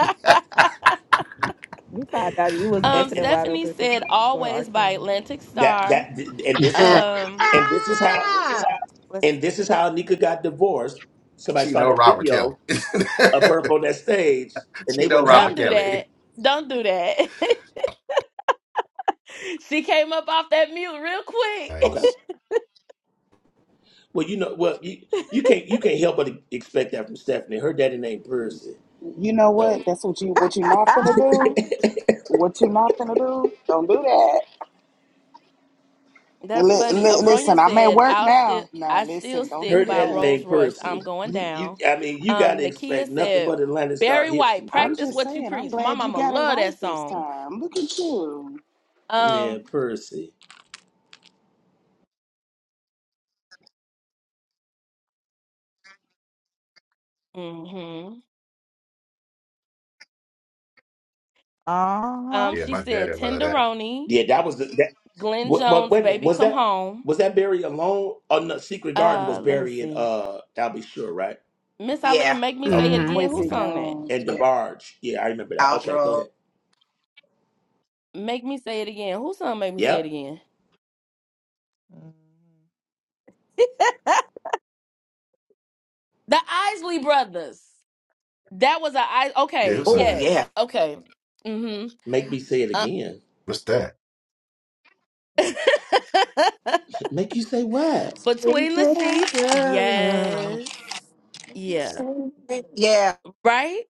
We found out you was And, um, busting it and wide Stephanie open for said Ke- for our always by killing. Atlantic that Star. that and this is Uh, how. Um, And this is how. ah! let's And this is how Nika got divorced. Somebody She saw know that Robert Kelly. video of her up on that stage, and she they know wasn't Robert don't having do it. Kelly. that. Don't do that. she came up off that mute real quick. Okay. Nice. Well, you know, well, you, you can't you can't help but e, expect that from Stephanie. Her daddy named Percy, You know so what? That's what you what you not finna do. What you not finna do? Don't do that. That's Li- funny. li- listen, Abronia I'm at said, work "I'll still, now. Now I still listen, don't do stick her by daddy that. Rolls named Royce. Percy. I'm going You, you, down." I mean, you got Um, to Nakia expect nothing said, but Atlantic Star "Barry hits White, from I'm practice Percy. just what you saying. I'm preach." My glad you mama got it love right that this song. time. Look at you, Yeah, Um, Percy. hmm Uh um, huh. Yeah, she my said, daddy love that. "Tenderoni, Yeah, that was the, that. Glenn What, what? Jones, Wait a minute. baby, Was come that home." was that Barry alone? Oh no, Secret Garden was Uh, let me Barry and see. uh, I'll be sure, right? Miss Eileen, Yeah. make me say Okay, it Mhm, hmm again. Who Quincy mhm. sung that? Jones. and Yeah. DeBarge. Yeah, I remember that. Okay, go ahead. Aldro. Make me say it again. Who sung Make Me Say It Yep. Again? the Isley Brothers. That was a I. Yeah, Okay, who's on Oh, that? yes. yeah. Okay. Mm-hmm. Make me say it Uh, again. What's that? Make you say what? between the sheets, yes. Yeah. Yeah. Right?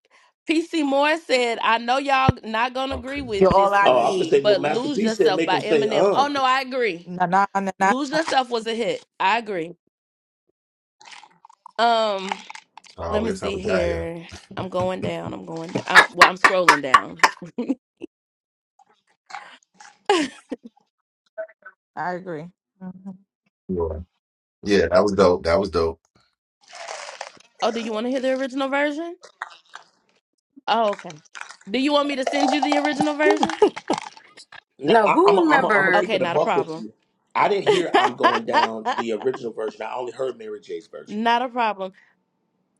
PC Moore said, I know y'all not gonna Okay. agree You're with all this I Oh, I one, could need. say, well, but Master Lose P said, Yourself make by him say, Eminem. uh. Oh no, I agree. No, no, no, no. Lose Yourself was a hit. I agree. Um, So let me that's how we see got here. here. I'm going down. I'm going down. i well, I'm scrolling down. I agree. hmm Yeah. yeah, that was dope. That was dope. oh, do you want to hear the original version? Oh, okay. Do you want me to send you the original version? No, No, I, I'm who going I'm to I'm remember? keep Okay, it a not a buck with problem. you. I didn't hear I'm going down the original version. I only heard Mary J's version. Not a problem.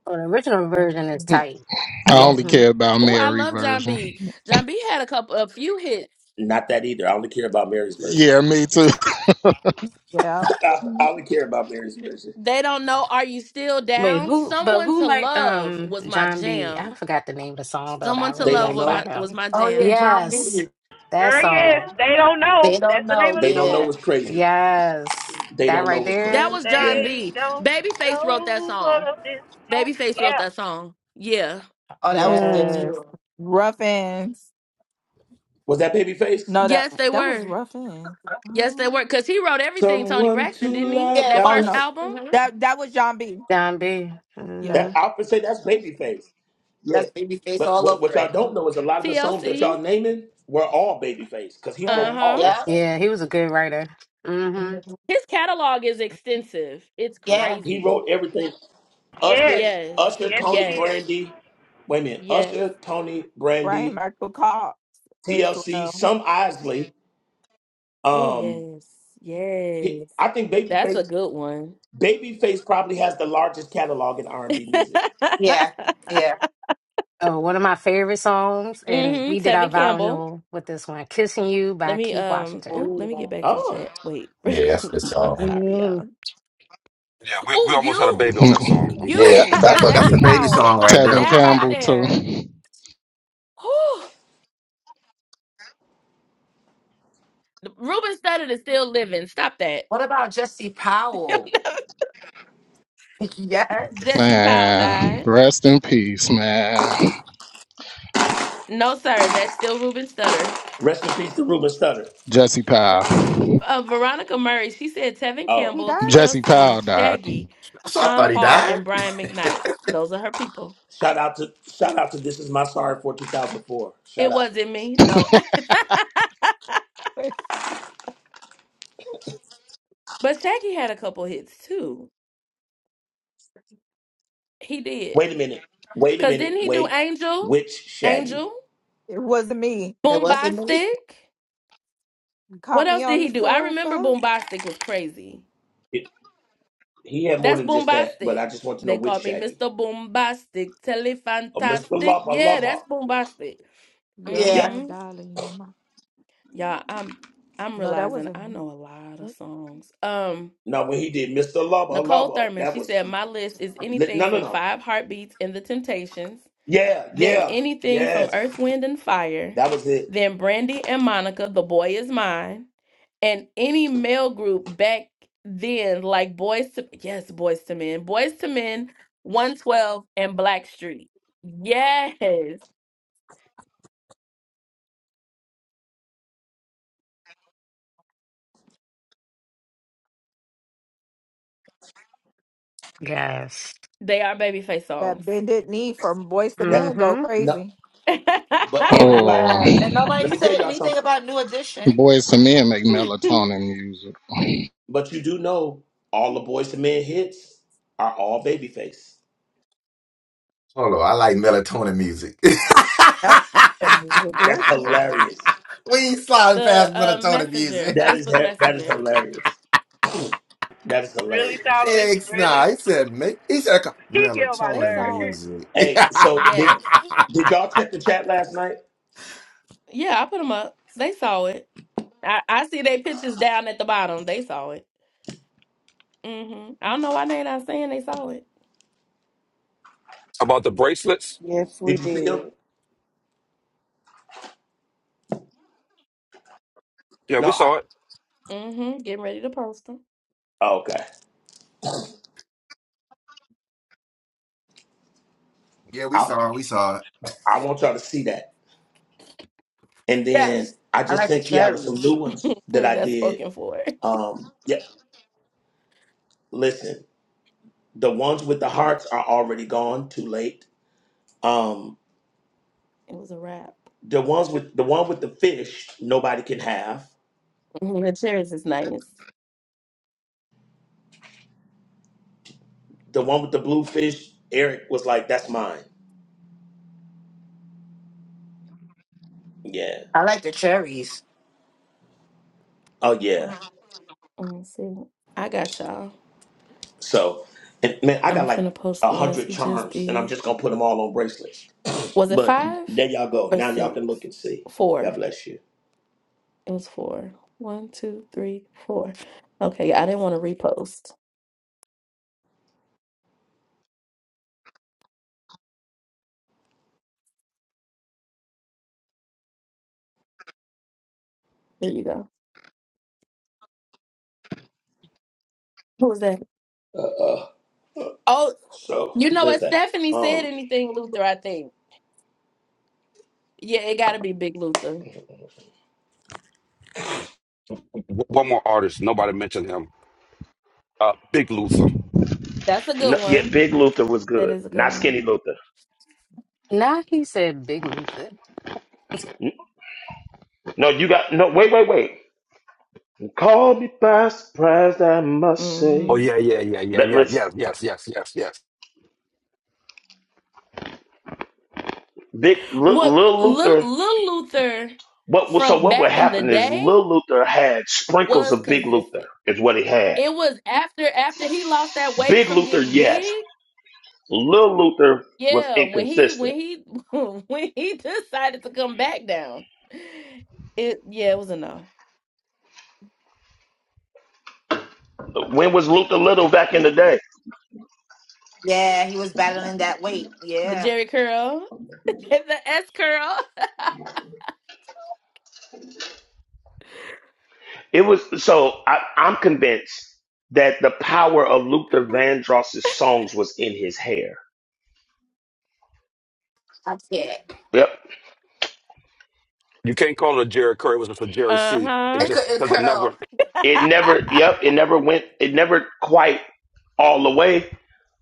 Well, the original version is tight. I don't. hmm Oh, I love John B. John B had a couple a few hits. Not that either. I only care about Mary's version. Yep. I, I Mhm. only care about Mary's version. They don't know Are You Still Wait, Down? who? But Someone who to liked Love um was my John B? I jam. forgot the name of the song though that I Someone to They really Love don't like was by know. my was him. my Oh, yeah. jam. John Yes, B. that Girl, yes. song. They don't know. They don't That's the name know. of the They don't know song. Yeah. what's crazy. Yes, They that don't know right what's That crazy. there. was John Yeah. They B. don't Babyface wrote that know what song. this is. Babyface wrote Yeah. that song. Yeah. Oh, that was good Mm, Yes. too. Ruffins. Was that Babyface? No, that Yes, they that was were. Ruffins. Yes, they Um, were. Cause he wrote everything, Tony Someone to Braxton, didn't he? love. Yeah, it That That oh first one. no, was. album, hmm that that was John B. John B. hmm Yeah. That I would say that's Babyface. Yeah. That's baby face But all what, over what y'all it. don't know is a lot of the songs that TLC. y'all naming were all Babyface because he wrote Yes. all Uh-huh. that Yeah. stuff. Yeah, he was a good writer. Mm-hmm. His catalog is extensive. It's Yep. Yeah. He crazy. wrote everything. Usher, Yes. Yes, Usher, Yes, he Tony yes, did. Brandy. Wait a minute. yes. Usher, Tony Brian Brandy, Michael Cox as TLC, well. some Isley. Oh, Um, yes, he, yes. I think That's a Babyface, good one. Babyface probably has the largest catalog in R and B music. Yeah. Yeah. Oh, one of my favorite songs, and we Mm-hmm. did our Tevin vow Campbell. renewal with this one, "Kissing You" Let by me Keith um. Washington. Oh, let me Ooh. get back to the Oh, chat. Wait. Yeah, that's a good I'm song. sorry, Mm. y'all. Yeah, we, we Oh, almost had a baby you, on that song. I'm sorry. Yeah, you by that's a, that's Jesse a baby song Powell. right Oh there. That right my, there. Whew. Ruben Studdard is still living. Stop that. What about Jesse Powell? yes. Jesse Powell died. No, sir. That's still Ruben Studdard. rest in peace to Ruben Studdard. uh, Veronica Murray, she said Tevin Oh, he Campbell, died. TLC, Shaggy, So I Sean thought he Paul, died. and Brian McKnight. Those are her people. shout out to shout out to This Is My Sorry for 2004. Shout It out. wasn't me, no. But Shaggy had a couple hits too. He did. Wait a minute. Wait a Cause minute. didn't he do Wait. Angel? Which Shaggy? Angel? It wasn't me. It wasn't me. Boombastic? What Caught me else did on he the do? I remember sofa. Boombastic was crazy. It, he had more That's than just that, but I Boombastic. just want to know They which called me Shaggy. Mr. Boombastic, Oh, Mr. Telefantastic. Lubba Yeah, Lubba. that's Boombastic. You're Yeah. Yep. my Mm-hmm. darling. You're my. Y'all, I'm I'm No, that realizing wasn't I him. know a lot of songs. Um, No, when he did Mr. Lubba Nicole Lubba, Thurman, that she was said my list is li- anything no, no, from no. Five Heartbeats and The Temptations, Yeah, then yeah, anything from yes. Earth, Wind and Fire, That was it. then Brandy and Monica, The Boy Is Mine, and any male group back then like Boys to Yes, Boys to Men, Boys to Men, 112 and Blackstreet. Yes, yes. they are babyface That songs. bended knee from Boys to That Men go Mm-hmm. no. crazy. But Oh everybody, yeah. let And me, nobody let me tell said y'all anything something. about New Edition. But you do know all the boys to men hits are all babyface. Hold on, I like melatonin music. we That music. Where's That's the world? hilarious. ain't sliding The past um melatonin music. Messenger, That is Facebook that is Messenger. hilarious. That is Really, hilarious. Solomon. It's Really. nah, he said make he said He get on my They melatonin saw it. nerves. music. Hey, so did Yes. did y'all check the chat last night? Yeah, I put them up. They saw it. I, I see their pictures down at the bottom. They saw it. hmm I don't know why they not saying they saw it. About the bracelets. Yes, we Did you see did. them? Yeah, No, we I saw it. hmm Getting ready to post them. oh, okay. yeah, we I saw it, we saw it. I want y'all to see that. And then Yes. I I just like the sent Kiala some cherries. new ones that I That's did. spoken for. It Um yeah, listen, the ones with the hearts are already gone, too late. Um was a wrap. the ones with the one with the fish, nobody can have. Mhm, The cherries is nice. The one with the blue fish, Eric was like, That's mine. Yeah. I like the cherries. Oh yeah. Let see. I got y'all. So and man, I I'm got like finna post a the ones hundred he just charms and I'm did. just gonna put them all on bracelets. Was it But five there y'all go. or Now y'all six? can look and see. Four. God bless you. It was four. One, two, three, four. Okay, yeah, I didn't want to repost. There you go. What was that? Uh, uh, Oh, so you know there's what? that. Stephanie said Um, anything Luther, I think. Yeah, it got to be Big Luther. W- One more artist. Nobody mentioned him. Uh, Big Luther. That's a good no, yeah, one. Big Luther was That good, is a good not one. Skinny Luther. Now he said Big Luther. No, you got no. Wait, wait, wait. Call me by surprise, I must Oh say. Mm-hmm. yeah, yeah, yeah, yeah, Let yeah, listen, yeah, yes, yes, yes, yes. Big Lil, What Lil little, Luther. little Luther What was so? from What would back in the happen is day? Lil Luther had sprinkles was of Big Luther. consistent. Is what he had. It was after after he lost that weight Big from Luther, getting yes. big. Lil Luther was Yeah, when he inconsistent. when he when he decided to come back down. It yeah, it was a no. When was Luther little back in the day? Yeah, he was battling that weight. The Yeah. Jerry curl, the S curl. It was so I, I'm convinced that the power of Luther Vandross's songs was in his hair. I can't. Yep. You can't call it a Jerry Curry. It was just a Jerry C. It Uh-huh. It just couldn't because it never. curl. It never yep, it never went it never quite all the way,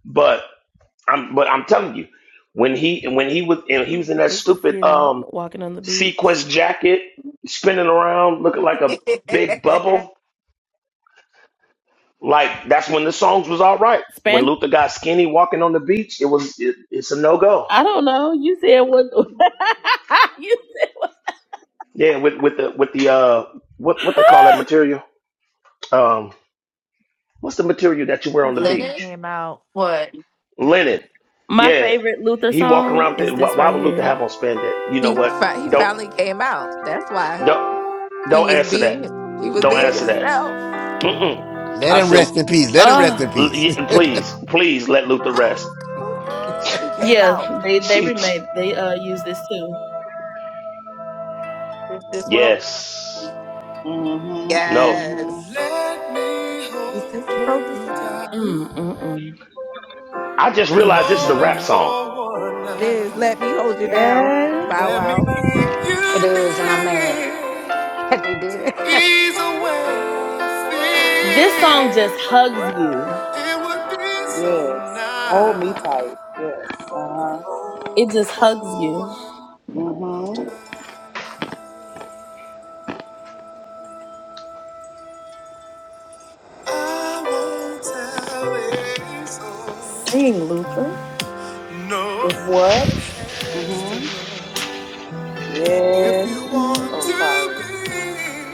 but I'm but I'm telling you, when he when he was and he was in that It's the stupid skinny um walking on the beach. sequest jacket spinning around looking like a big bubble, like that's when the songs was all right. When Span Luther got skinny walking on the beach, it was it, it's a no go. I don't know. You said what you said what- Yeah, with with the with the uh what what they call that material? Um what's the material that you wear He on the finally Leonard? beach? came out. What? Linen. my Yeah. favorite Luther He walking song around with is it. Why, this why would right Luther have on here. spandex? You know He what? fi- he Don't finally came out. That's why don't he don't was answer being that. he was Don't being answer that. himself. Mm-mm. Let I him said, rest in peace. Let him Oh. rest in "L- peace. yeah, please, please let Luther I'm rest. cold. He came out. Yeah, they they She, she- remade they uh use this too. If this world yes, Mm-hmm. no. Mm-hmm. Yes. Let me hold is this world the you same? tight, Mm, Mm. I just if mm, realized this is a only rap mm. song. for one It is. night. Let me hold you down. Yes. Bow Let me wow. keep It is, and I'm mad you that they did near, it. ease away fear. This song just hugs you. It would be so Yes. Hold me nice. tight. Yes. Uh huh. It just hugs you. Mm-hmm. I won't tell it so. If what? Mm-hmm. If Yes, you want Lord. Oh, to sorry.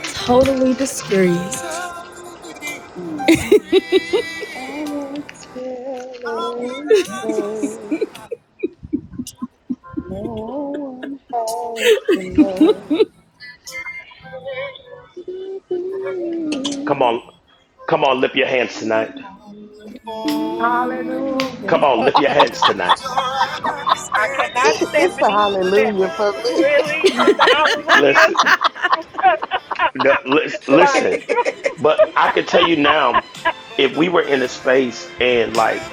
be totally disgraced. Mm. I won't tell a soul. No one has to know. Come on, come on, lift your hands tonight. Hallelujah. Come on, lift your hands tonight. I cannot, It's the Stephanie. hallelujah Stephanie. for me. Really? With the hallelujah? No, lis- listen, like but I could tell you now, if we were in a space and like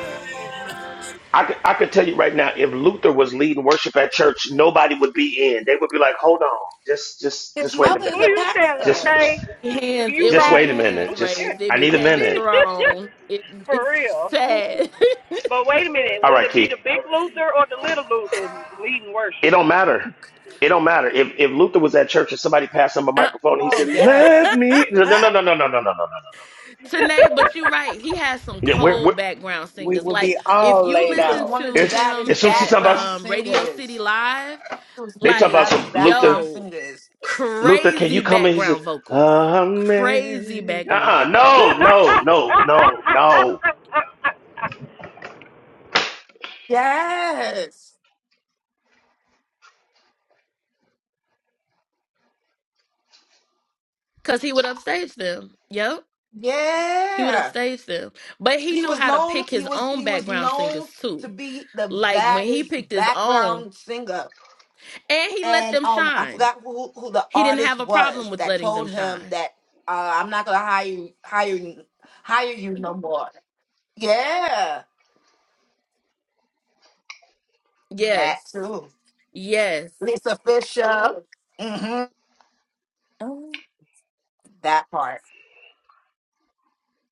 I could, I could tell you right now, if Luther was leading worship at church, nobody would be in. They would be like, "Hold on, just, just, His just wait a mother Who is a minute, you telling, just, pastor. okay? Hands, You it just won't wait be right. a minute, hands just raised. It I be need a panties minute." thrown. It, For it's real. sad. But wait a minute, All will right, it be Keith, the big Luther or the little Luther leading it worship? don't matter. It don't matter if if Luther was at church and somebody passed him a Uh, microphone and he Oh, said, yes. "Let me," no, no, no, no, no, no, no, no, no, no. Tanae, but you're right. He has some Yeah, we're, we're, cold background We singers. will be Like if all you laid She was listen out. one of the to it's, him as baddest soon as he at talking about, background um Radio City singers. Live, She was they one of the talk about like baddest some Luther. background yo singers. Luther, can you Crazy come in? He says, background vocals. Crazy Amen. background Uh-uh. vocals. No, no, no, no, no. Yes. Cause he would upstage them. Yep. He would Yeah. upstage them. But he He knew was how to known, pick he his was own he was background known singers too. to be the Like when he baddest picked his own background singer. and he let And them um I shine. forgot who who the He didn't artist have a problem was with that letting them told him shine. that uh, I'm not gonna hire you hire you hire you no more. Yeah, that Yes. too. Yes. Lisa Fisher. hmm That part.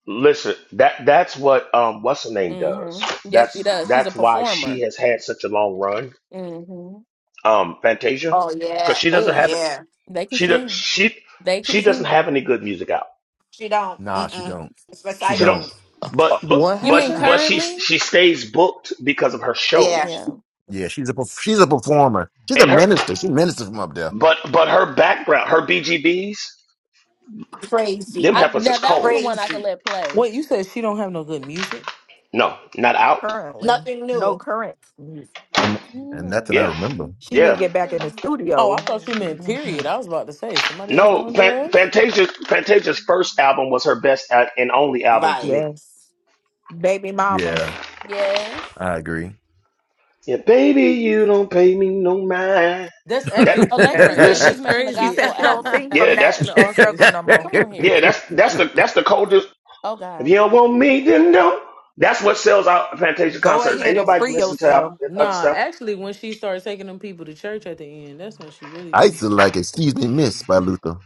Listen, that that's what um what's her name does. Mm-hmm. Yes, That's she does. She's a that's why she performer. has had such a long run. Mm-hmm. Um, Fantasia, Oh because yeah. she doesn't Oh have it. yeah. They can She does. sing. She They can she doesn't sing. have any good music out. She don't. Nah, she Mm-mm. don't. It's She She don't. don't. recycled. But but What You but mean No, happened? but she currently? she stays booked because of her Yeah. shows Yeah. Yeah, she's a perf- she's a performer. She's a and her. minister. She ministers from up there. But but her background, her BGBs, them I Crazy. heifers now is that was cold. the one I could Crazy. let play. Wait, you said she don't have no good music? No, not out. currently, Nothing no new. current. And You and know nothing I that Yeah, you remember. She need to yeah. don't get back in love the me at Oh, I studio. thought you all. meant period. Mhm. I was about to say somebody else No, doing Fan- drugs. Fantasia. Fantasia's first album was her best a- and only album to Right. me. Yes, baby mamas. Yeah, Yes. I agree. Yeah, baby, you don't pay me no mind. That's That actually playing Uh, Alexa right now. says listen. That's she's making a She crazy. said gospel she don't album. sing Yeah, from that that's In the that struggle office. no Well, more. come on here. yeah, that's that's the that's the coldest. Oh If God. you don't want me, then don't. That's what sells out Fantasia Go concerts. It ahead Ain't didn't and nobody work the free listen first to out- yourself. time. other Nah, stuff. actually, when she starts taking them people to church at the end, that's when she really I used goes to in. like Excuse Me Miss by Luther.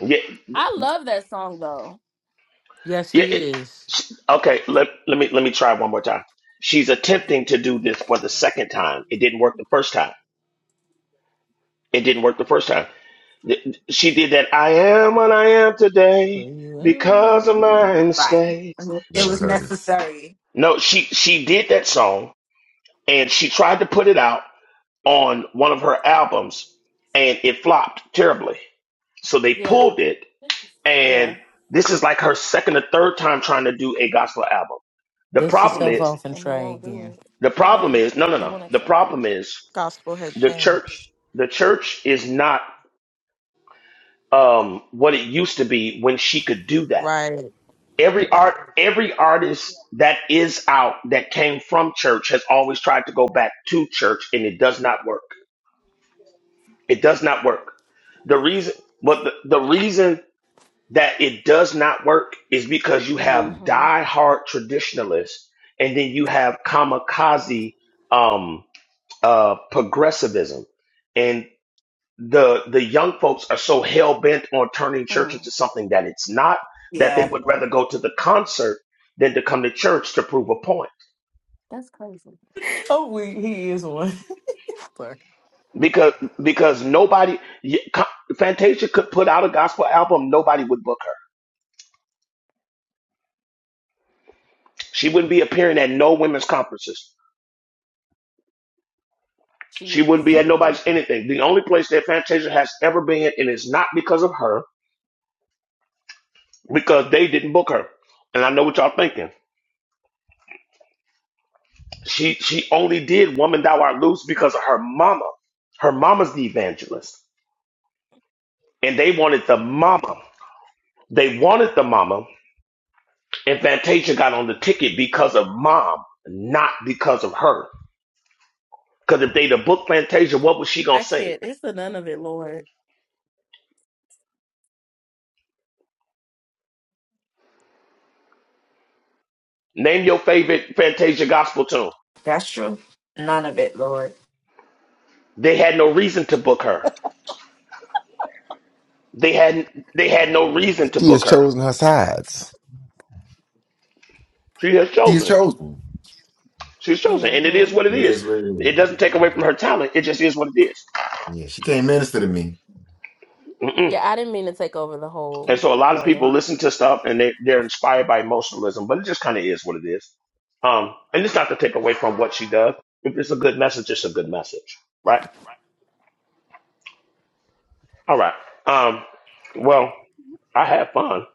Yeah, I love that song though. Yes, yeah. she it- is. okay, let let me let me try one more time. She's attempting to do this for the second time. It didn't work the first time. It didn't work the first time. She did that. I am what I am Where today you because of at? my Right. mistakes. Mhm. It She, Never was heard it. necessary. no, she she did that song and she tried to put it out on one of her albums and it flopped terribly. So they Yeah. pulled it Yeah. and this is like her second or third time trying to do a gospel album. The Dust problem yourself is off and And they try won't again. do it. the problem Yeah. is no no They no. won't The accept them. problem is Gospel has the church changed. the church is not um what it used to be when she could do that Right. every art every artist that is out that came from church has always tried to go back to church and it does not work it does not work the reason but the, the reason that it does not work is because you have Mm-hmm. diehard traditionalists and then you have kamikaze um uh progressivism the the young folks are so hell bent on turning church Mm. into something that it's not that they Yeah. would rather go to the concert than to come to church to prove a point That's crazy. Oh, we, he is one. Sorry. because because nobody y- Co- Fantasia could put out a gospel album nobody would book her she wouldn't be appearing at no women's conferences She she wouldn't is. be at nobody's anything the only place that Fantasia has ever been and it's not because of her because they didn't book her and I know what y'all thinking She she only did "Woman Thou Art Loose" because of her mama. Her mama's the evangelist, and they wanted the mama. They wanted the mama, and Fantasia got on the ticket because of mom, not because of her. Because if they'd have booked Fantasia, what was she gonna I sing? can't. It's the none of it, Lord. Name your favorite Fantasia gospel tune. That's true. None of it, Lord. They had no reason to book her. They had they had no reason to She has book her. chosen her sides. She has She is chosen. chosen. She's chosen, and it hmm is what it It is. is what it It is. doesn't take away from her talent. It just is what it Yeah, she can't minister to me. is. Yeah, I didn't mean to take over the And whole so a lot of people morning. listen to stuff and they, they're inspired by emotionalism, but it just kind of is what it is. Um, and it's not to take away from what she does. If it's a good message, it's a good message, right? All right. Um, well, I had fun.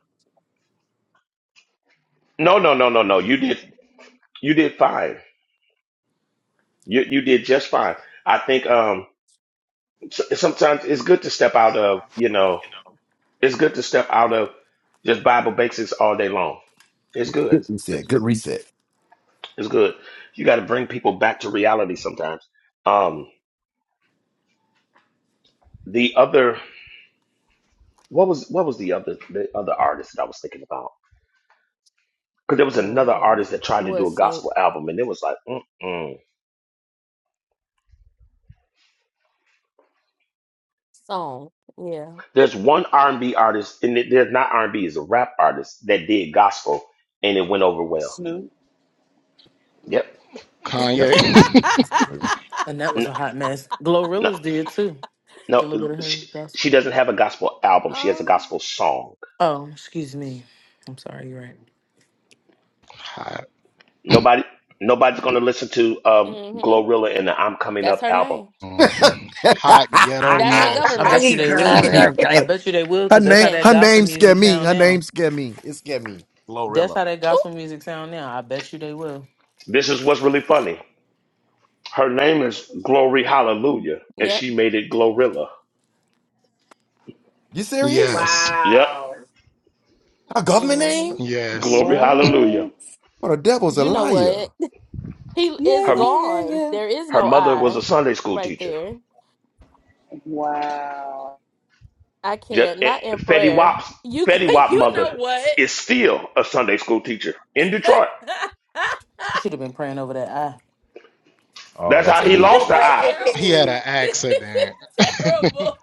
No, no, no, no, no. You did, you did fine. You you did just fine. I think um, s- sometimes it's good to step out of you know, it's good to step out of just Bible basics all day long. It's good. Good reset. Good reset. It's good. You got to bring people back to reality sometimes. Um, the other, what was what was the other the other artist that I was thinking about? Because there was hmm another artist that It tried to do was a Snoop gospel album, and it was like, mm-mm. song. Yeah. there's one R and B artist, and it, there's not R and B, it's a rap artist that did gospel, and it went over well. Snoop. Yep. Yep. And that was No, a hot mess. no, Glorilla's did too. A little no bit of her she, she gospel. doesn't have a gospel album. She has a oh. gospel song. Oh, excuse me. I'm sorry. You're right. Nobody, nobody's gonna listen to uh, hmm Glorilla and the I'm Coming That's Up her album. name. That's her I government. bet you they will. I bet you they will, her cause that's name, how Yes. that her gospel name scare music me. sound Her now. name scare me. It scare me. That's Glorilla. how that Ooh. gospel music sound now. I bet you they will. This is what's really funny. Her name is Glory Hallelujah, and Yep. she made it Glorilla. You serious? Yep, wow. Our government hmm name? Glory Hallelujah. What? What the devil's a You know what? liar. He is Yeah, Her yeah, yeah, gone. yeah. There is her no mother was a I Sunday school right teacher. there. Wow. I Just can't. eh, Not in Fetty prayer. Wap's You Fetty c- Wap you know mother what? is still a Sunday school teacher in Detroit. She should have been praying over that Oh, That's how that's this he moving. lost the is eye. terrible. Wait. This is terrible.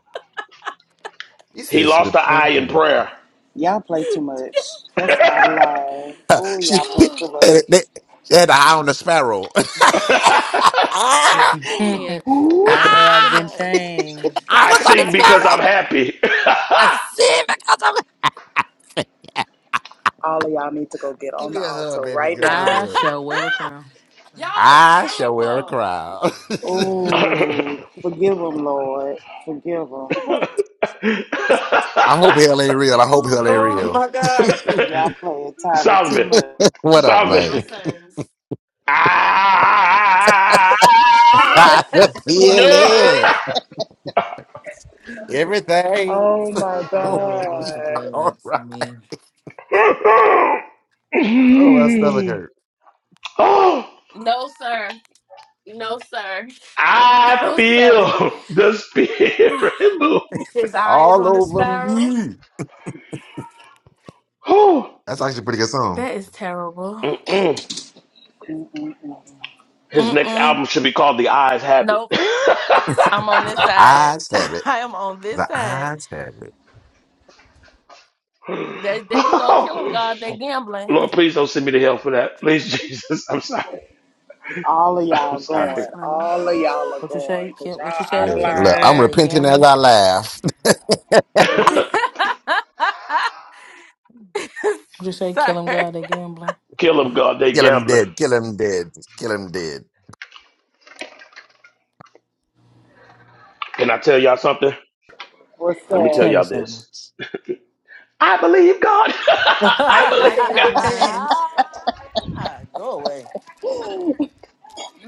You He said she lost was the eye paying in over prayer. Y'all play too much. That's out of line. the Oh, She y'all play I too they, they much. had an eye on the sparrow. eye. can't. Ooh. I I know I've been cannot. changed. I I I was on sing cannot. his because I'm pharaoh. happy. I see because of it. Yes. All of y'all need to go get Give on the me a hug, altar baby right girl. Give me now. a I hug. shall wear a crown. Y'all are I shall wear a terrible. crown. Sorry. Oh, forgive them, Lord. Forgive them. I hope hell ain't real. I hope Oh hell ain't God. Oh real. my God. Y'all play entirely too Solomon, much. What up, No Solomon. man? sirs. Ah, Got the You are no. feeling. betrayed. Everything's Oh my I gonna know it was be the God. all blood for right. me. Oh, my stomach hurt. oh, no sir. No sir. I No sir. feel the spirit move. His eyes All on the over sparrow. me. Oh, That's actually a pretty good song. That is terrible. mm-mm. His next Mm-mm. album should be called The Eyes Have Nope. It. I'm on this The side. eyes have it. I am on this The side. eyes have it. There, there you go. Kill them, Oh, God. They gambling. Lord, please don't send me to hell for that. Please, Jesus. I'm sorry. All of I'm y'all That's sorry. going. funny. All of y'all I are What you going say? because Kill, what y'all you out say? of Look, Kill them, look, I'm Lord. line. They repenting as gambling. I laugh. Kill What you say? Kill sir. them, God. They gambling. him, God. They Kill him gambler. dead. Kill him dead. Kill him dead. Can I tell y'all something? What's Let me tell Tell up? me y'all something. this. I believe God. Go was gonna I say it I cannot. depends. away.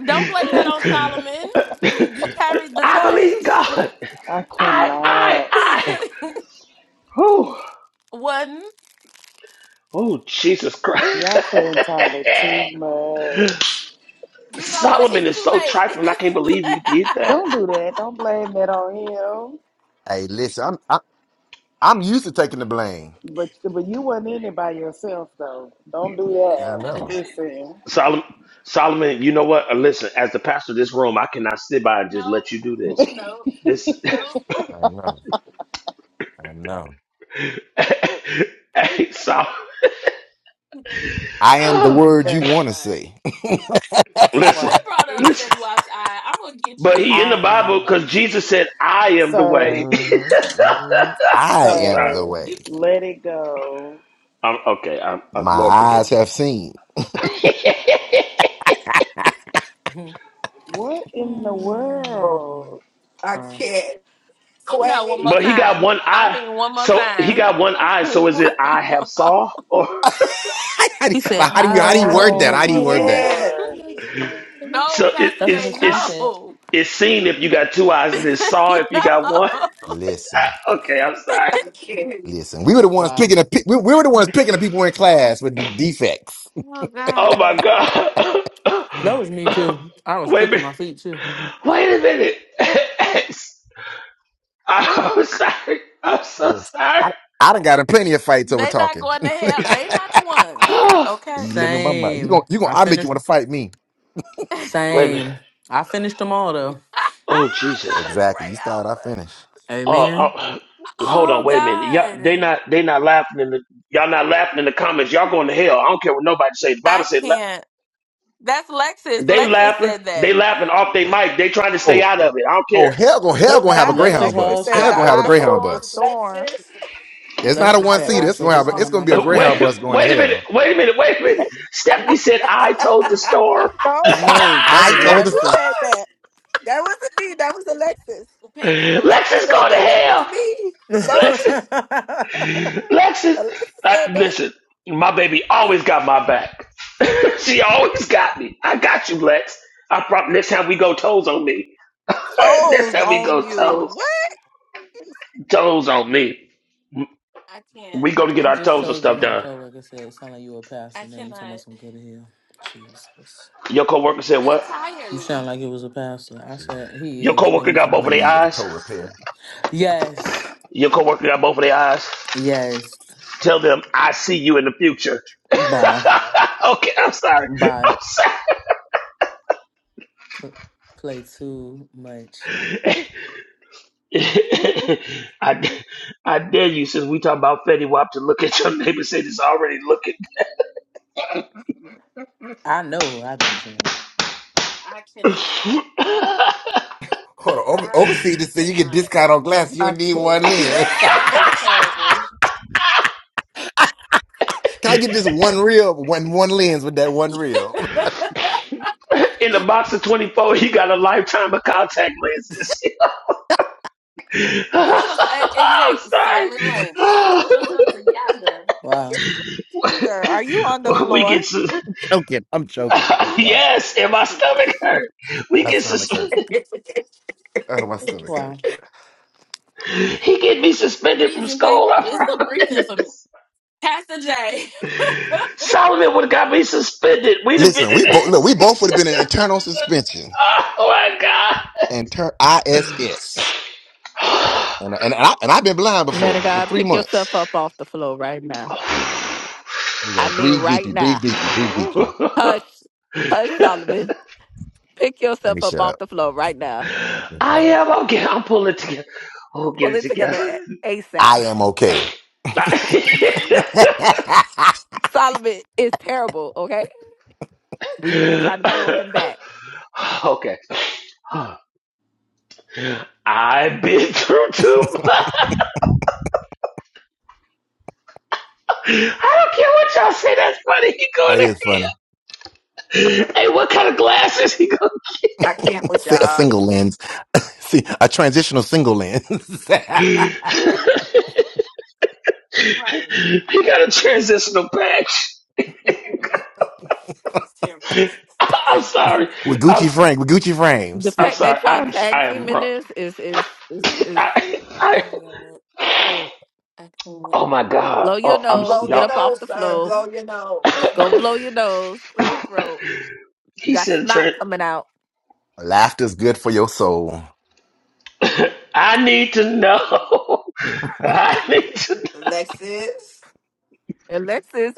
Don't blame that on believe Solomon. God. You carried the I believe torch. God. I I, I, cannot. I. Oh, One, oh, Jesus Christ. Y'all playing entirely too much. you know what? Solomon It's is too so late. trifling. I It's can't too believe late. he did that. Don't do that. Don't blame that on him. Hey, listen, I'm I, I'm used to taking the blame. But but you wasn't in it by yourself though. Don't do I that. know, Listen, Solomon, Solomon, you know what? Uh, Listen, as the pastor of this room, I cannot sit by and just no, let you do this. no, This, no. I know, I know. hey, Sol- I am the word I Yeah. you want to cannot. see. Who listen, Wow. brought up listen. Fetty Wap's eye? I'm gonna get But he you. in the I Bible I'm am. gonna because get Jesus you. said, "I am the way." sir, Mhm, mhm. I I'm am sorry. the sir, way You let it go. I'm okay. I'm, uh, my Lord forgive eyes me. have seen. Mhm. What in the Oh, Hmm. world? I Crying. can't. no one Quay, more But he got time. one I eye. mean one more So he time. got one eye. One So is it I have more. saw or how, do, He said, like, how do you I how do you want I word that? you Oh How do my you to word be that? can't. mine lord. again. baby." No, so it, Pastor That's what it's J, his song it's said. no. it's seen if you got two eyes and no. it's saw if you got one. Listen, Okay, I'm sorry. I can't. listen. We were the ones Wow. picking the pe- we, we were the ones picking the people in class with the defects. Oh Oh my God. god. That was me too. I was Wait a quick on minute. my feet too. Wait a minute. I'm sorry. I'm so Yes. sorry. I I done got in plenty of fights over They not talking. going to you hell. They not the ones. Okay. let me my mind. You gonna Same. you gonna I I make you finished. want to fight me? Another Wait a minute. Same. I finished them all though. Oh Jesus. Exactly. gray You start, I outburst. finish. Uh, Amen. uh, hold on, Oh wait a minute. Y'all, they God. not they not laughing in the y'all not laughing in the comments. Y'all going to hell. I don't care what nobody says. The Bible I said la- can't. That's Lexus. they Lexus laughing, said they that. laughing off their mic. They trying to Oh. stay out of it. I don't Oh care. hell, gonna hell It gonna have a Not Lexus Greyhound happened. Alexis Hall bus. said, said Hell I that gonna I have a told Mhm. the I told. Greyhound hold the storm, bus. storm. Lexus. It's not a Lexus I one said, seater. told I the It's told gonna the have. A, it's storm. storm gonna be I'm a Uh, Wait, Greyhound bus crying. going to wait a minute, hell. wait a minute, wait a minute. Stephanie said I told the storm. No, no, no. No, that I was told us. Alexis Lexus. said I that. That wasn't me. That was Alexis. Pedicure. Lex Alexis is said going to that. That hell. wasn't me. That wasn't Lex. me. I Lexus, Alexis said I, that. listen, my baby always got my back. she always got me. I got you, Lex. I promise. Next time we go toes on me. Next Toes time we on go you. toes, What? toes on me. I can't. We go to get our just toes and told you stuff my done. coworker said it sounded like you a pastor. I Now you talking about cannot. some good hell. Jesus. Your coworker said what? You Entirely. sound like it was a pastor. I said he Your is. Now coworker you got talking both I'm about of in some their need of a eyes. tow repair. Yes. Your coworker got both of their eyes. Yes. Tell them I see you in the future. Bye. okay, I'm sorry. Oo. Bye. I'm sorry. P- play too much. I, I dare you, since we talk about Fetty Wap, to look at your neighbor and say this already looking. I know I've been drinking. I cannot. Hold on, over, I oversee this so you get cannot. discount on glass. You need one can't. lens. That is terrible. Can I get this one reel? One one lens with that one reel. Get In the box of 24, he got a lifetime of contact lenses. yourself an I'm exact sorry. silent lunch. Get yourself together. Wow. Sir, are you on the we floor? get sus- Ah, yes, and my stomach hurt. We get That's sus- hurt. Oh, my stomach Wow. hurt. he get me suspended from Please and thank school. I It's the breathing for me. promise. Pastor J. right. Solomon would have got me suspended. We'd have Listen, we been. both look. We both would have been in internal suspension, Oh my god. inter ISS, and and and, I, and I've been blind Man of before for God, three pick months. yourself up off the floor right now. There you I go. mean, Breathe right deeply. Breathe now. deeply. Breathe deeply. Hush, hush, Solomon. Pick Let me yourself up shut off up. the floor right now. Let me I shut up. am. I'm getting. I'm pulling it together. Oh, get Pull it it together together. a- ASAP. I am okay. Solomon is terrible. Okay, we we try to pull him back. okay. I've been through too much. I don't care what y'all say. That's funny. He going that in is funny. here. Hey, what kind of glasses he going? I can't with a y'all. single lens. See, a transitional single lens with he got a transitional patch. It's terrible. I'm sorry. I'm Gucci frame, with Gucci The frames. I'm fact sorry. that y'all I'm tag I am teaming wrong. this is is is is I, Oh I, my God. oh my god. blow your Oh, I'm nose, Blow get your y'all. up off nose, the sir. floor, Blow your nose. go blow your nose, clear your throat. You He got said, snot "Trent, coming out. Laughter's good for your soul. I need to know. I need to." Lexus. Alexis